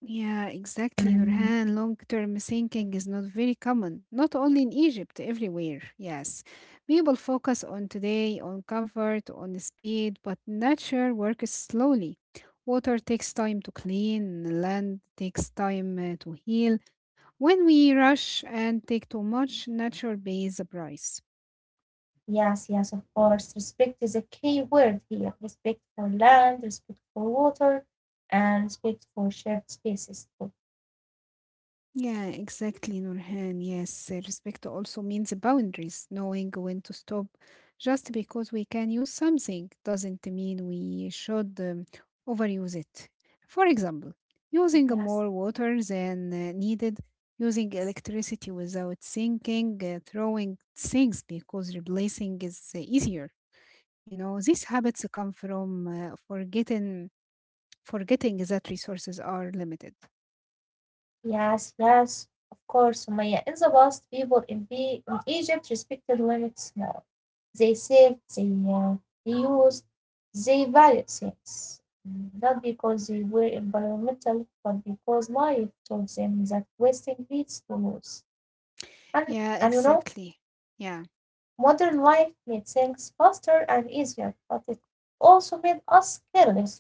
[SPEAKER 2] Yeah, exactly,
[SPEAKER 1] Mm.
[SPEAKER 2] Nurhan. Long-term thinking is not very common, not only in Egypt, everywhere. Yes. People focus on today, on comfort, on the speed, but nature works slowly. Water takes time to clean, land takes time to heal. When we rush and take too much, nature pays the price.
[SPEAKER 1] Yes, yes, of course. Respect is a key word here. Respect for land, respect for water, and respect for shared spaces too.
[SPEAKER 2] Yeah, exactly, Nurhan. Yes, respect also means boundaries, knowing when to stop. Just because we can use something doesn't mean we should overuse it. For example,
[SPEAKER 1] Yes,
[SPEAKER 2] using more water than needed, using electricity without thinking, throwing things because replacing is easier. You know, these habits come from forgetting that resources are limited.
[SPEAKER 1] yes, yes, of course. Sumaya, in the past, people in, the, in Egypt respected limits more. They saved, they used, they valued things. Mm, not because they were environmental, but because life told them that wasting leads to loss. And,
[SPEAKER 2] Yeah,
[SPEAKER 1] and you know,
[SPEAKER 2] exactly. Yeah.
[SPEAKER 1] Modern life made things faster and easier, but it also made us careless, Sumaya.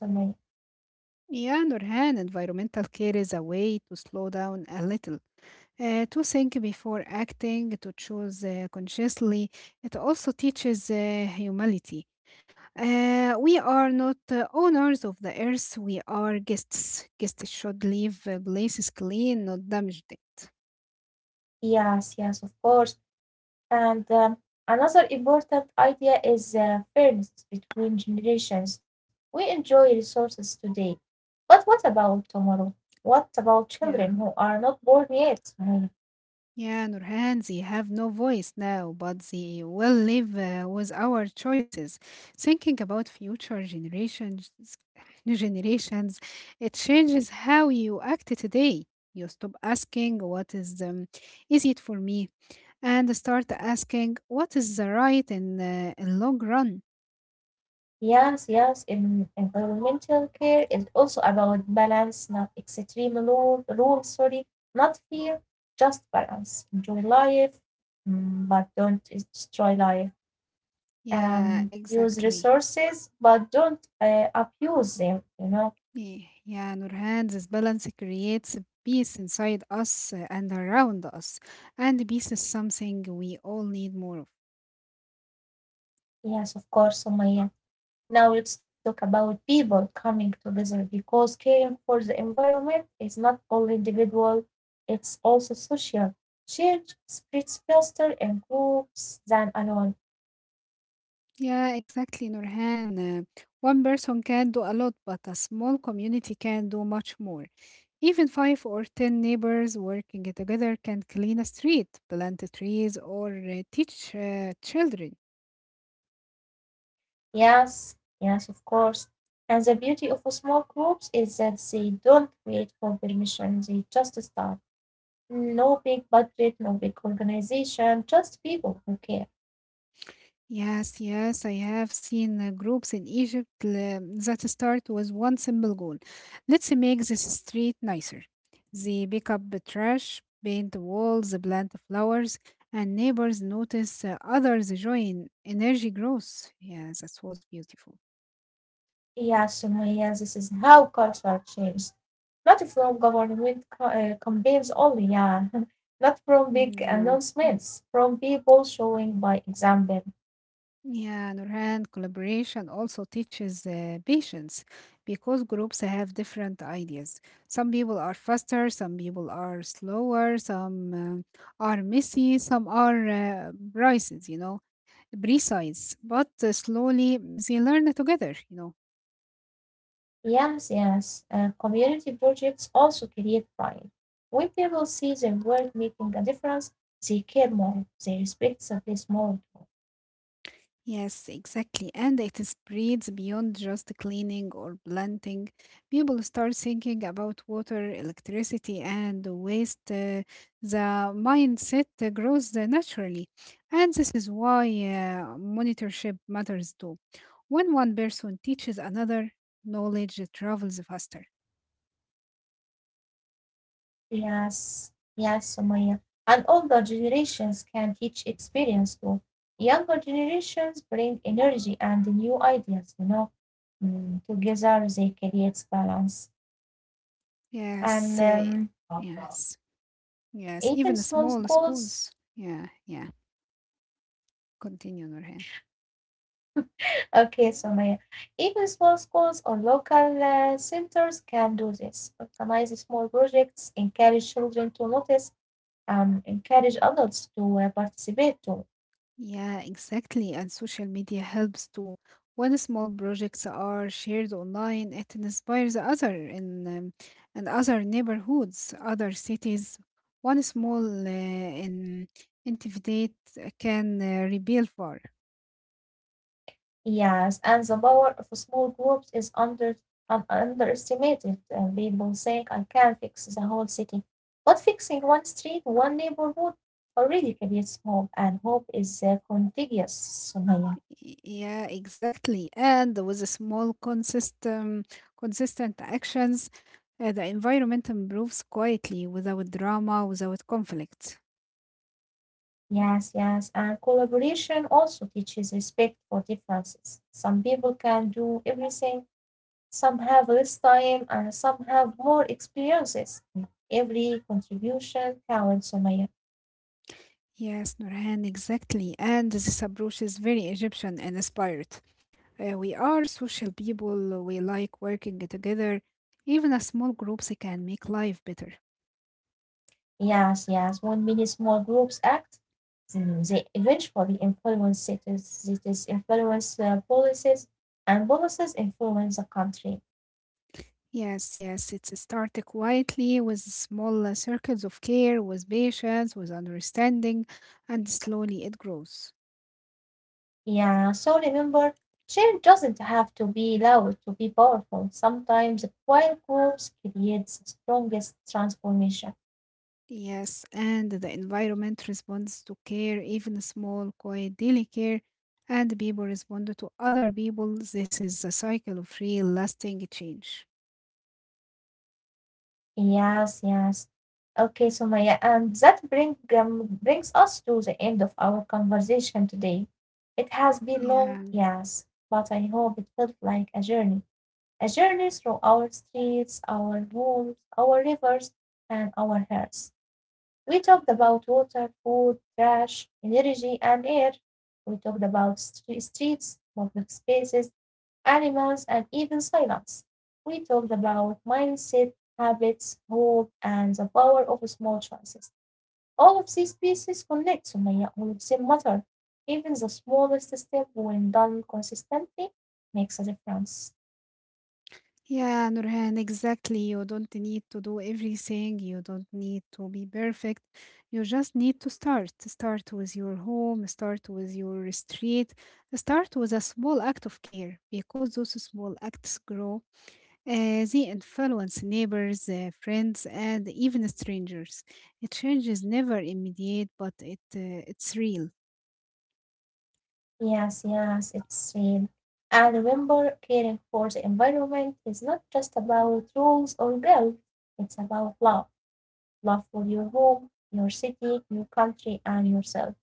[SPEAKER 2] Yeah, Nurhan, environmental care is a way to slow down a little, to think before acting, to choose consciously. It also teaches humility. We are not owners of the earth. We are guests. Guests should leave places clean, not damaged. It.
[SPEAKER 1] Yes, yes, of course. And another important idea is fairness between generations. We enjoy resources today, but what about tomorrow? What about children who
[SPEAKER 2] Yeah.
[SPEAKER 1] are not born yet, hmm.
[SPEAKER 2] Yeah, Nurhan, they have no voice now, but they will live with our choices. Thinking about future generations, it changes how you act today. You stop asking what is it for me, and start asking what is the right in long run.
[SPEAKER 1] Yes, yes. In environmental care is also about balance, not rules, sorry, not fear, just balance. Enjoy life, mm, but don't destroy life.
[SPEAKER 2] Yeah,
[SPEAKER 1] Use
[SPEAKER 2] exactly.
[SPEAKER 1] resources, but don't abuse them.
[SPEAKER 2] Yeah, Nurhan, this balance creates peace inside us and around us. And peace is something we all need more of.
[SPEAKER 1] Yes, of course, Sumaya. Now let's talk about people coming together because caring for the environment is not only individual, it's also social. Change spreads faster in groups than alone.
[SPEAKER 2] Yeah, exactly, Nurhan. One person can do a lot, but a small community can do much more. Even five or ten neighbors working together can clean a street, plant trees, or teach children.
[SPEAKER 1] Yes, yes, of course. And the beauty of small groups is that they don't wait for permission, they just start. No big budget, no big organization, just people who care.
[SPEAKER 2] Yes, I have seen groups in Egypt that start with one simple goal. Let's make this street nicer. They pick up the trash, paint the walls, plant flowers, and neighbors notice others join energy growth. Yeah, that was beautiful.
[SPEAKER 1] Yeah, Sumaya, this is how culture changes. Not from government campaigns only, yeah. Not from big announcements, from people showing by example.
[SPEAKER 2] Yeah, Nurhan, collaboration also teaches patience because groups have different ideas. Some people are faster, some people are slower, some are messy, some are brises, you know, precise. But slowly they learn together, you know.
[SPEAKER 1] Yes, yes. Community projects also create pride. When people see their work making a difference, they care more, they respect the place more.
[SPEAKER 2] Yes, exactly. And it spreads beyond just cleaning or planting. People start thinking about water, electricity, and waste. The mindset grows naturally. And this is why monitorship matters too. When one person teaches another, knowledge travels faster.
[SPEAKER 1] Yes, yes, Somaya. And older generations can teach experience to younger generations, bring energy and new ideas. Mm, together they create balance. And
[SPEAKER 2] Yes, uh, yes, yes.
[SPEAKER 1] Even
[SPEAKER 2] Even
[SPEAKER 1] small
[SPEAKER 2] small
[SPEAKER 1] schools,
[SPEAKER 2] schools. Yeah, yeah. Continue, Nurhan.
[SPEAKER 1] okay, Somaya. Even small schools or local centers can do this. Organize small projects, encourage children to notice, encourage adults to participate too.
[SPEAKER 2] Yeah, exactly. And social media helps too. When small projects are shared online, it inspires other in and other neighborhoods, other cities. One small in initiative can rebuild for.
[SPEAKER 1] Yes, and the power of small groups is underestimated. People think I can fix the whole city, but fixing one street, one neighborhood already creates hope, and hope is contagious, Sumaya.
[SPEAKER 2] Yeah, exactly. And with a small consistent actions, the environment improves quietly without drama, without conflict.
[SPEAKER 1] Yes, yes, and collaboration also teaches respect for differences. Some people can do everything, some have less time, and some have more experiences. Every contribution counts, Sumaya.
[SPEAKER 2] Yes, Nurhan, exactly. And this approach is very Egyptian and inspired. We are social people, we like working together. Even a small groups can make life better.
[SPEAKER 1] Yes, yes. When many small groups act, then they eventually influence cities, cities influence policies, and policies influence the country.
[SPEAKER 2] Yes, it's started quietly with small circles of care, with patience, with understanding, and slowly it grows.
[SPEAKER 1] Yeah, so remember, change doesn't have to be loud to be powerful. Sometimes quiet groups create the strongest transformation.
[SPEAKER 2] Yes, and the environment responds to care, even small, quiet, daily care, and people respond to other people. This is a cycle of real lasting change.
[SPEAKER 1] Yes, yes. Okay, so Maya, and that brings us to the end of our conversation today. It has been long,
[SPEAKER 2] Yeah,
[SPEAKER 1] yes, but I hope it felt like a journey through our streets, our homes, our rivers, and our hearts. We talked about water, food, trash, energy, and air. We talked about streets, public spaces, animals, and even silence. We talked about mindset, habits, hope, and the power of small choices. All of these pieces connect, Sumaya, all of them matter. Even the smallest step, when done consistently, makes a difference.
[SPEAKER 2] yeah, Nurhan, exactly. You don't need to do everything, you don't need to be perfect. You just need to start. Start with your home, start with your street, start with a small act of care because those small acts grow. They influence neighbors, friends, and even strangers. A change is never immediate, but it's real.
[SPEAKER 1] Yes, yes, it's real. And remember, caring for the environment is not just about rules or guilt, it's about love. Love for your home, your city, your country, and yourself.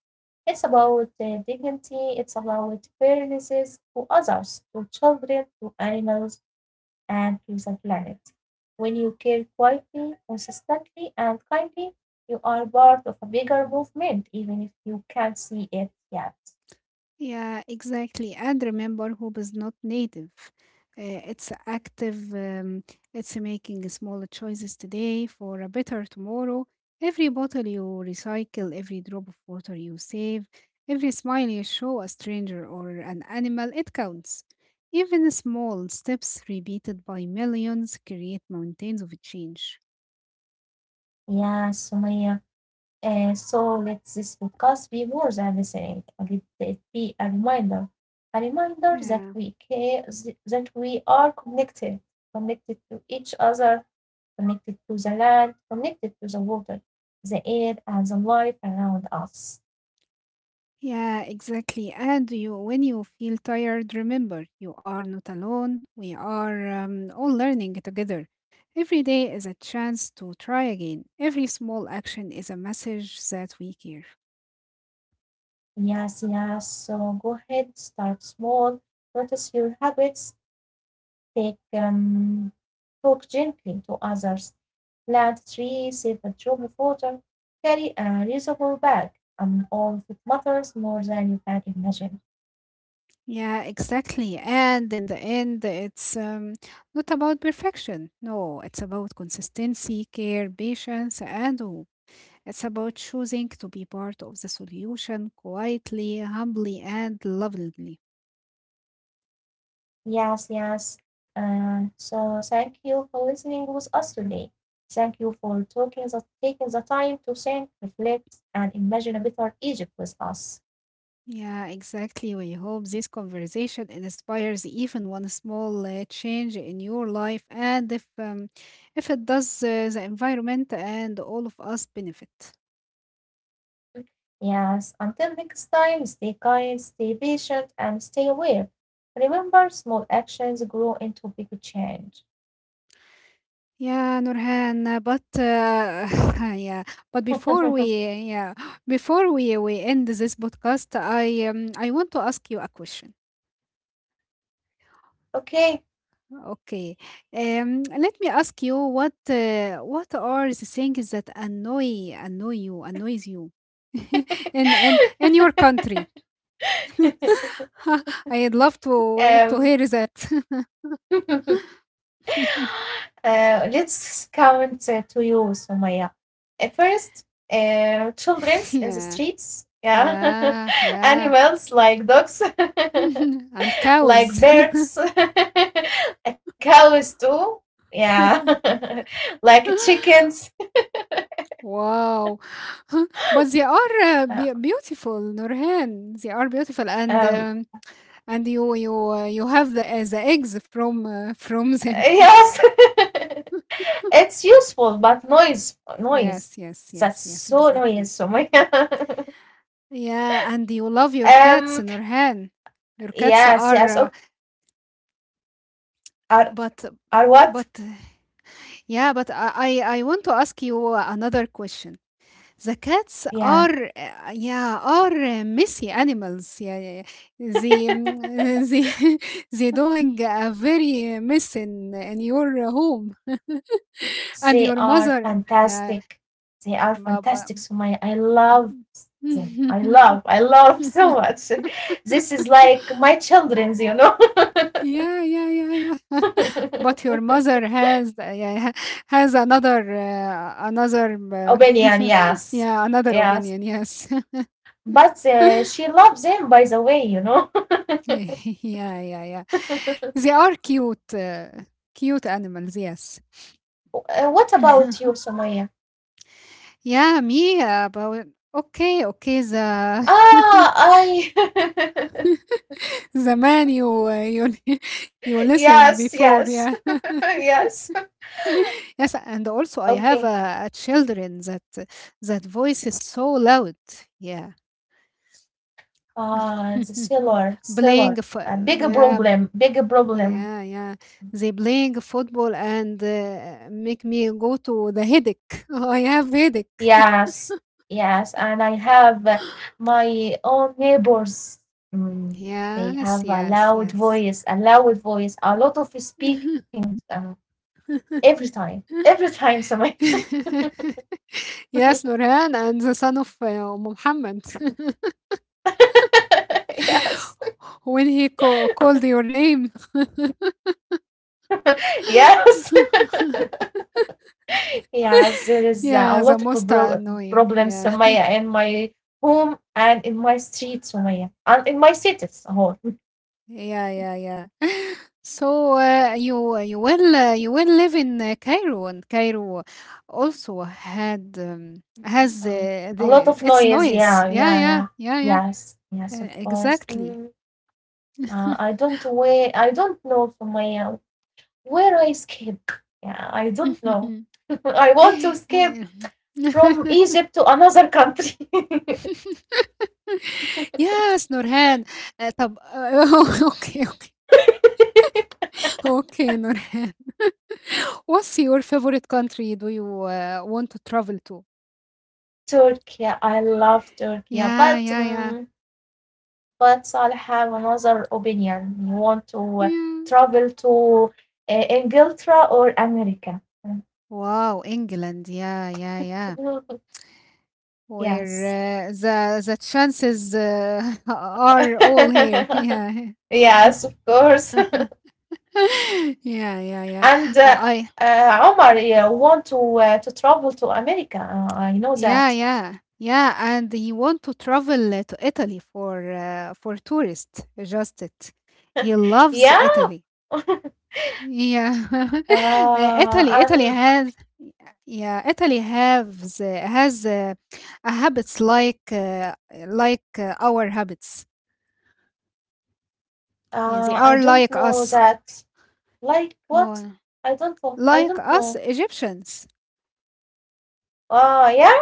[SPEAKER 1] It's about dignity, it's about fairnesses to others, to children, to animals, and to the planet. When you care quietly, consistently, and kindly, you are part of a bigger movement, even if you can't see it yet.
[SPEAKER 2] Yeah, exactly. And remember, hope is not native. It's active, it's making smaller choices today for a better tomorrow. Every bottle you recycle, every drop of water you save, every smile you show a stranger or an animal, it counts. Even small steps repeated by millions create mountains of change.
[SPEAKER 1] Yes, Sumaya. So let this podcast be more than listening. Let it be a reminder that
[SPEAKER 2] Yeah.
[SPEAKER 1] we care, that we are connected, connected to each other, connected to the land, connected to the water, the air, and the life around us.
[SPEAKER 2] Yeah, exactly. And you, when you feel tired, remember you are not alone. We are all learning together. Every day is a chance to try again. Every small action is a message that we care.
[SPEAKER 1] Yes, yes. So go ahead, start small, notice your habits, Take talk gently to others, plant trees, save a drop of water, carry a reusable bag. All of it matters more than you can imagine.
[SPEAKER 2] Yeah, exactly. And in the end, it's not about perfection. No, it's about consistency, care, patience, and hope. It's about choosing to be part of the solution quietly, humbly, and lovingly.
[SPEAKER 1] Yes, yes. So thank you for listening with us today. Thank you for taking the time to think, reflect, and imagine a better Egypt with us.
[SPEAKER 2] Yeah, exactly. We hope this conversation inspires even one small change in your life, and if it does, the environment and all of us benefit.
[SPEAKER 1] Yes, until next time, stay kind, stay patient, and stay aware. Remember, small actions grow into big change.
[SPEAKER 2] Yeah, Nurhan. But yeah, but before we yeah before we end this podcast, I want to ask you a question.
[SPEAKER 1] Okay.
[SPEAKER 2] Okay. Let me ask you what are the things that annoys you in your country? I'd love to
[SPEAKER 1] um.
[SPEAKER 2] hear that.
[SPEAKER 1] Let's count to you, Sumaya. First, children's in the
[SPEAKER 2] Yeah,
[SPEAKER 1] streets. Yeah,
[SPEAKER 2] yeah, yeah.
[SPEAKER 1] animals like dogs,
[SPEAKER 2] And
[SPEAKER 1] like
[SPEAKER 2] cows.
[SPEAKER 1] birds, cows too. Yeah, like chickens.
[SPEAKER 2] Wow. But they are
[SPEAKER 1] Uh,
[SPEAKER 2] beautiful, Nurhan. They are beautiful,
[SPEAKER 1] um,
[SPEAKER 2] and you you have the eggs from them.
[SPEAKER 1] yes, it's useful, but noise, noise.
[SPEAKER 2] Yes, yes,
[SPEAKER 1] That's
[SPEAKER 2] yes, yes,
[SPEAKER 1] so noise,
[SPEAKER 2] exactly.
[SPEAKER 1] Sumaya.
[SPEAKER 2] Yeah, and you love your cats,
[SPEAKER 1] um,
[SPEAKER 2] Nurhan. Your cats
[SPEAKER 1] yes,
[SPEAKER 2] are,
[SPEAKER 1] yes. Oh, are
[SPEAKER 2] but,
[SPEAKER 1] are
[SPEAKER 2] but,
[SPEAKER 1] what?
[SPEAKER 2] yeah, but I want to ask you another question. The cats
[SPEAKER 1] Yeah,
[SPEAKER 2] are, yeah, are messy animals. Yeah, yeah, yeah. They, they, they doing a very mess in your home and
[SPEAKER 1] they
[SPEAKER 2] your
[SPEAKER 1] are
[SPEAKER 2] mother. Yeah,
[SPEAKER 1] fantastic. They are
[SPEAKER 2] ma- ma-
[SPEAKER 1] fantastic. So my I love them.
[SPEAKER 2] yeah,
[SPEAKER 1] I love so much. This is like my children's.
[SPEAKER 2] yeah, yeah, yeah. But your mother has yeah, has another
[SPEAKER 1] Albanian, yes.
[SPEAKER 2] yeah another
[SPEAKER 1] Yes.
[SPEAKER 2] opinion. Yes,
[SPEAKER 1] But she loves them by the way.
[SPEAKER 2] yeah, yeah, yeah. They are cute, cute animals. Yes.
[SPEAKER 1] What about you, Somaya?
[SPEAKER 2] yeah, me about okay, okay. The
[SPEAKER 1] Ah, I.
[SPEAKER 2] the man you listened
[SPEAKER 1] yes,
[SPEAKER 2] before.
[SPEAKER 1] yes,
[SPEAKER 2] Yeah.
[SPEAKER 1] yes.
[SPEAKER 2] Yes, and also I have
[SPEAKER 1] Okay.
[SPEAKER 2] a children that that voice is so loud. Yeah
[SPEAKER 1] The sailor. A big
[SPEAKER 2] Yeah,
[SPEAKER 1] problem, big problem.
[SPEAKER 2] yeah, yeah. They playing football and make me go to the headache. I have headache.
[SPEAKER 1] Yes, yes, and I have my own neighbors. Mm, they
[SPEAKER 2] Yes,
[SPEAKER 1] have a
[SPEAKER 2] yes,
[SPEAKER 1] loud
[SPEAKER 2] yes.
[SPEAKER 1] voice, a loud voice, a lot of speaking every time, every time. Somebody.
[SPEAKER 2] Yes, Nurhan and the son of Muhammad.
[SPEAKER 1] yes,
[SPEAKER 2] When called your name.
[SPEAKER 1] yes, yes. There is a lot
[SPEAKER 2] Yeah, the
[SPEAKER 1] of
[SPEAKER 2] most annoying.
[SPEAKER 1] problems,
[SPEAKER 2] Yeah.
[SPEAKER 1] Somaya, in my home and in my street, Somaya, and in my cities. A whole.
[SPEAKER 2] Yeah, yeah, yeah. So you will live in Cairo, and Cairo also had
[SPEAKER 1] Mm,
[SPEAKER 2] has
[SPEAKER 1] Uh, a lot
[SPEAKER 2] the
[SPEAKER 1] of
[SPEAKER 2] its
[SPEAKER 1] noise.
[SPEAKER 2] noise.
[SPEAKER 1] Yeah,
[SPEAKER 2] Yeah,
[SPEAKER 1] yeah,
[SPEAKER 2] yeah,
[SPEAKER 1] yeah.
[SPEAKER 2] yeah, yeah.
[SPEAKER 1] Yes, yes, of course.
[SPEAKER 2] Exactly.
[SPEAKER 1] Mm. I don't where I don't know from my where I escape. Yeah, I
[SPEAKER 2] Yeah.
[SPEAKER 1] don't know. I want to escape from Egypt to another country.
[SPEAKER 2] Yes, Nurhan. طب okay, okay, okay, Nurhan. What's your favorite country do you want to travel to?
[SPEAKER 1] Turkey, I love Turkey,
[SPEAKER 2] Yeah, yeah, yeah.
[SPEAKER 1] but I'll have another opinion. You want to
[SPEAKER 2] Yeah.
[SPEAKER 1] travel to Inglaterra or America?
[SPEAKER 2] Wow, England. Yeah, yeah, yeah.
[SPEAKER 1] yes,
[SPEAKER 2] Where the chances are all here. Yeah.
[SPEAKER 1] yes, of course.
[SPEAKER 2] Yeah, yeah, yeah.
[SPEAKER 1] And uh,
[SPEAKER 2] I
[SPEAKER 1] uh, Omar yeah, want to travel to America. I know that.
[SPEAKER 2] yeah, yeah. Yeah, and he want to travel to Italy for tourist. Just it. He loves
[SPEAKER 1] Yeah.
[SPEAKER 2] Italy.
[SPEAKER 1] uh,
[SPEAKER 2] Yeah. Italy
[SPEAKER 1] and
[SPEAKER 2] has yeah, Italy has a habits like our habits. Yeah, they
[SPEAKER 1] I
[SPEAKER 2] are
[SPEAKER 1] don't
[SPEAKER 2] like
[SPEAKER 1] know
[SPEAKER 2] us.
[SPEAKER 1] that. Like what?
[SPEAKER 2] No,
[SPEAKER 1] I don't know. I
[SPEAKER 2] like
[SPEAKER 1] don't
[SPEAKER 2] us
[SPEAKER 1] know.
[SPEAKER 2] Egyptians.
[SPEAKER 1] Oh yeah.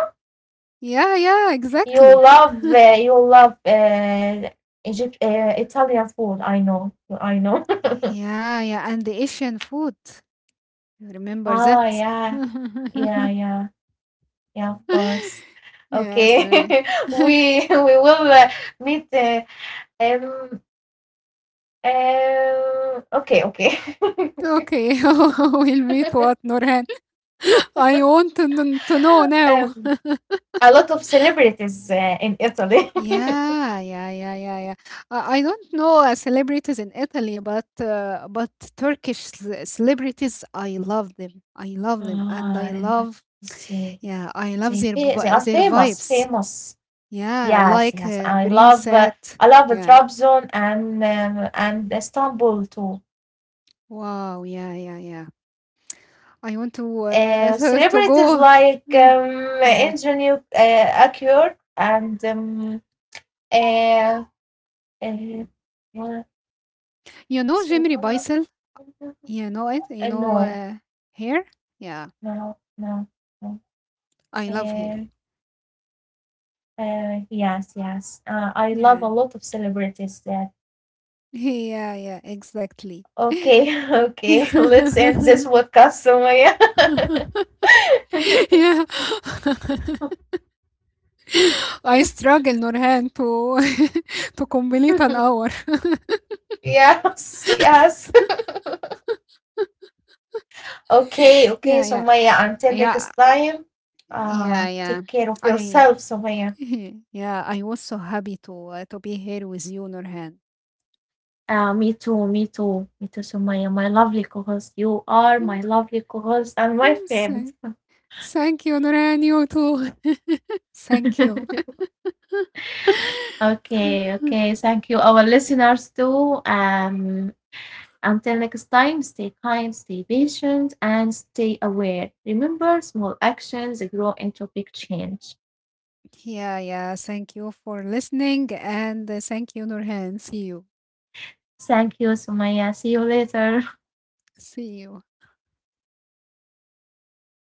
[SPEAKER 2] Yeah, yeah, exactly.
[SPEAKER 1] You love Egypt, Italian food. I know. I know.
[SPEAKER 2] Yeah, yeah, and the Asian food. You remember
[SPEAKER 1] oh
[SPEAKER 2] that?
[SPEAKER 1] yeah. Yeah, yeah, yeah. Of course.
[SPEAKER 2] Yes,
[SPEAKER 1] Okay.
[SPEAKER 2] all right.
[SPEAKER 1] We will meet. Um, okay, okay.
[SPEAKER 2] Okay, we'll meet what, Norhan? I want to, to know now.
[SPEAKER 1] um, a lot of celebrities in Italy.
[SPEAKER 2] Yeah, yeah, yeah, yeah, yeah. I don't know celebrities in Italy, but Turkish celebrities, I love them. I love them,
[SPEAKER 1] Ah,
[SPEAKER 2] and I love.
[SPEAKER 1] they,
[SPEAKER 2] Yeah, I love
[SPEAKER 1] they are
[SPEAKER 2] their
[SPEAKER 1] famous,
[SPEAKER 2] vibes.
[SPEAKER 1] famous.
[SPEAKER 2] Yeah,
[SPEAKER 1] Yes,
[SPEAKER 2] like
[SPEAKER 1] yes.
[SPEAKER 2] Breen said.
[SPEAKER 1] I love
[SPEAKER 2] Yeah.
[SPEAKER 1] Trabzon and Istanbul too.
[SPEAKER 2] Wow. Yeah. Yeah. Yeah. I want to to
[SPEAKER 1] Celebrities
[SPEAKER 2] go.
[SPEAKER 1] like
[SPEAKER 2] Mm, Yeah.
[SPEAKER 1] engineer Akyur and uh, uh, what-
[SPEAKER 2] You know Jimmy Beisel. You know it. You know
[SPEAKER 1] no,
[SPEAKER 2] hair. Yeah.
[SPEAKER 1] no, no, no.
[SPEAKER 2] I love
[SPEAKER 1] Uh,
[SPEAKER 2] hair.
[SPEAKER 1] yes, yes. I love
[SPEAKER 2] Yeah.
[SPEAKER 1] a lot of celebrities that.
[SPEAKER 2] Yeah. Yeah. Exactly.
[SPEAKER 1] Okay, okay. Let's end
[SPEAKER 2] Yeah.
[SPEAKER 1] this podcast, Sumaya.
[SPEAKER 2] I struggle, Nurhan, to to complete an hour.
[SPEAKER 1] yes, yes. Okay, okay,
[SPEAKER 2] Yeah, yeah.
[SPEAKER 1] Sumaya. Until next
[SPEAKER 2] Yeah,
[SPEAKER 1] time,
[SPEAKER 2] yeah,
[SPEAKER 1] take
[SPEAKER 2] yeah.
[SPEAKER 1] care of
[SPEAKER 2] I
[SPEAKER 1] yourself, Sumaya.
[SPEAKER 2] yeah, I was so happy to be here with you, Nurhan.
[SPEAKER 1] Me too, me too, me too, Sumaya, my lovely co-host. You are my lovely co-host and my friend.
[SPEAKER 2] Thank Thank you, Nurhan. You too. Thank you.
[SPEAKER 1] okay, okay. Thank you, our listeners too. Until next time, stay kind, stay patient, and stay aware. Remember, small actions grow into big change.
[SPEAKER 2] Yeah, yeah. Thank you for listening, and thank you, Nurhan. See you.
[SPEAKER 1] Thank you, Sumaya. See you later.
[SPEAKER 2] See you.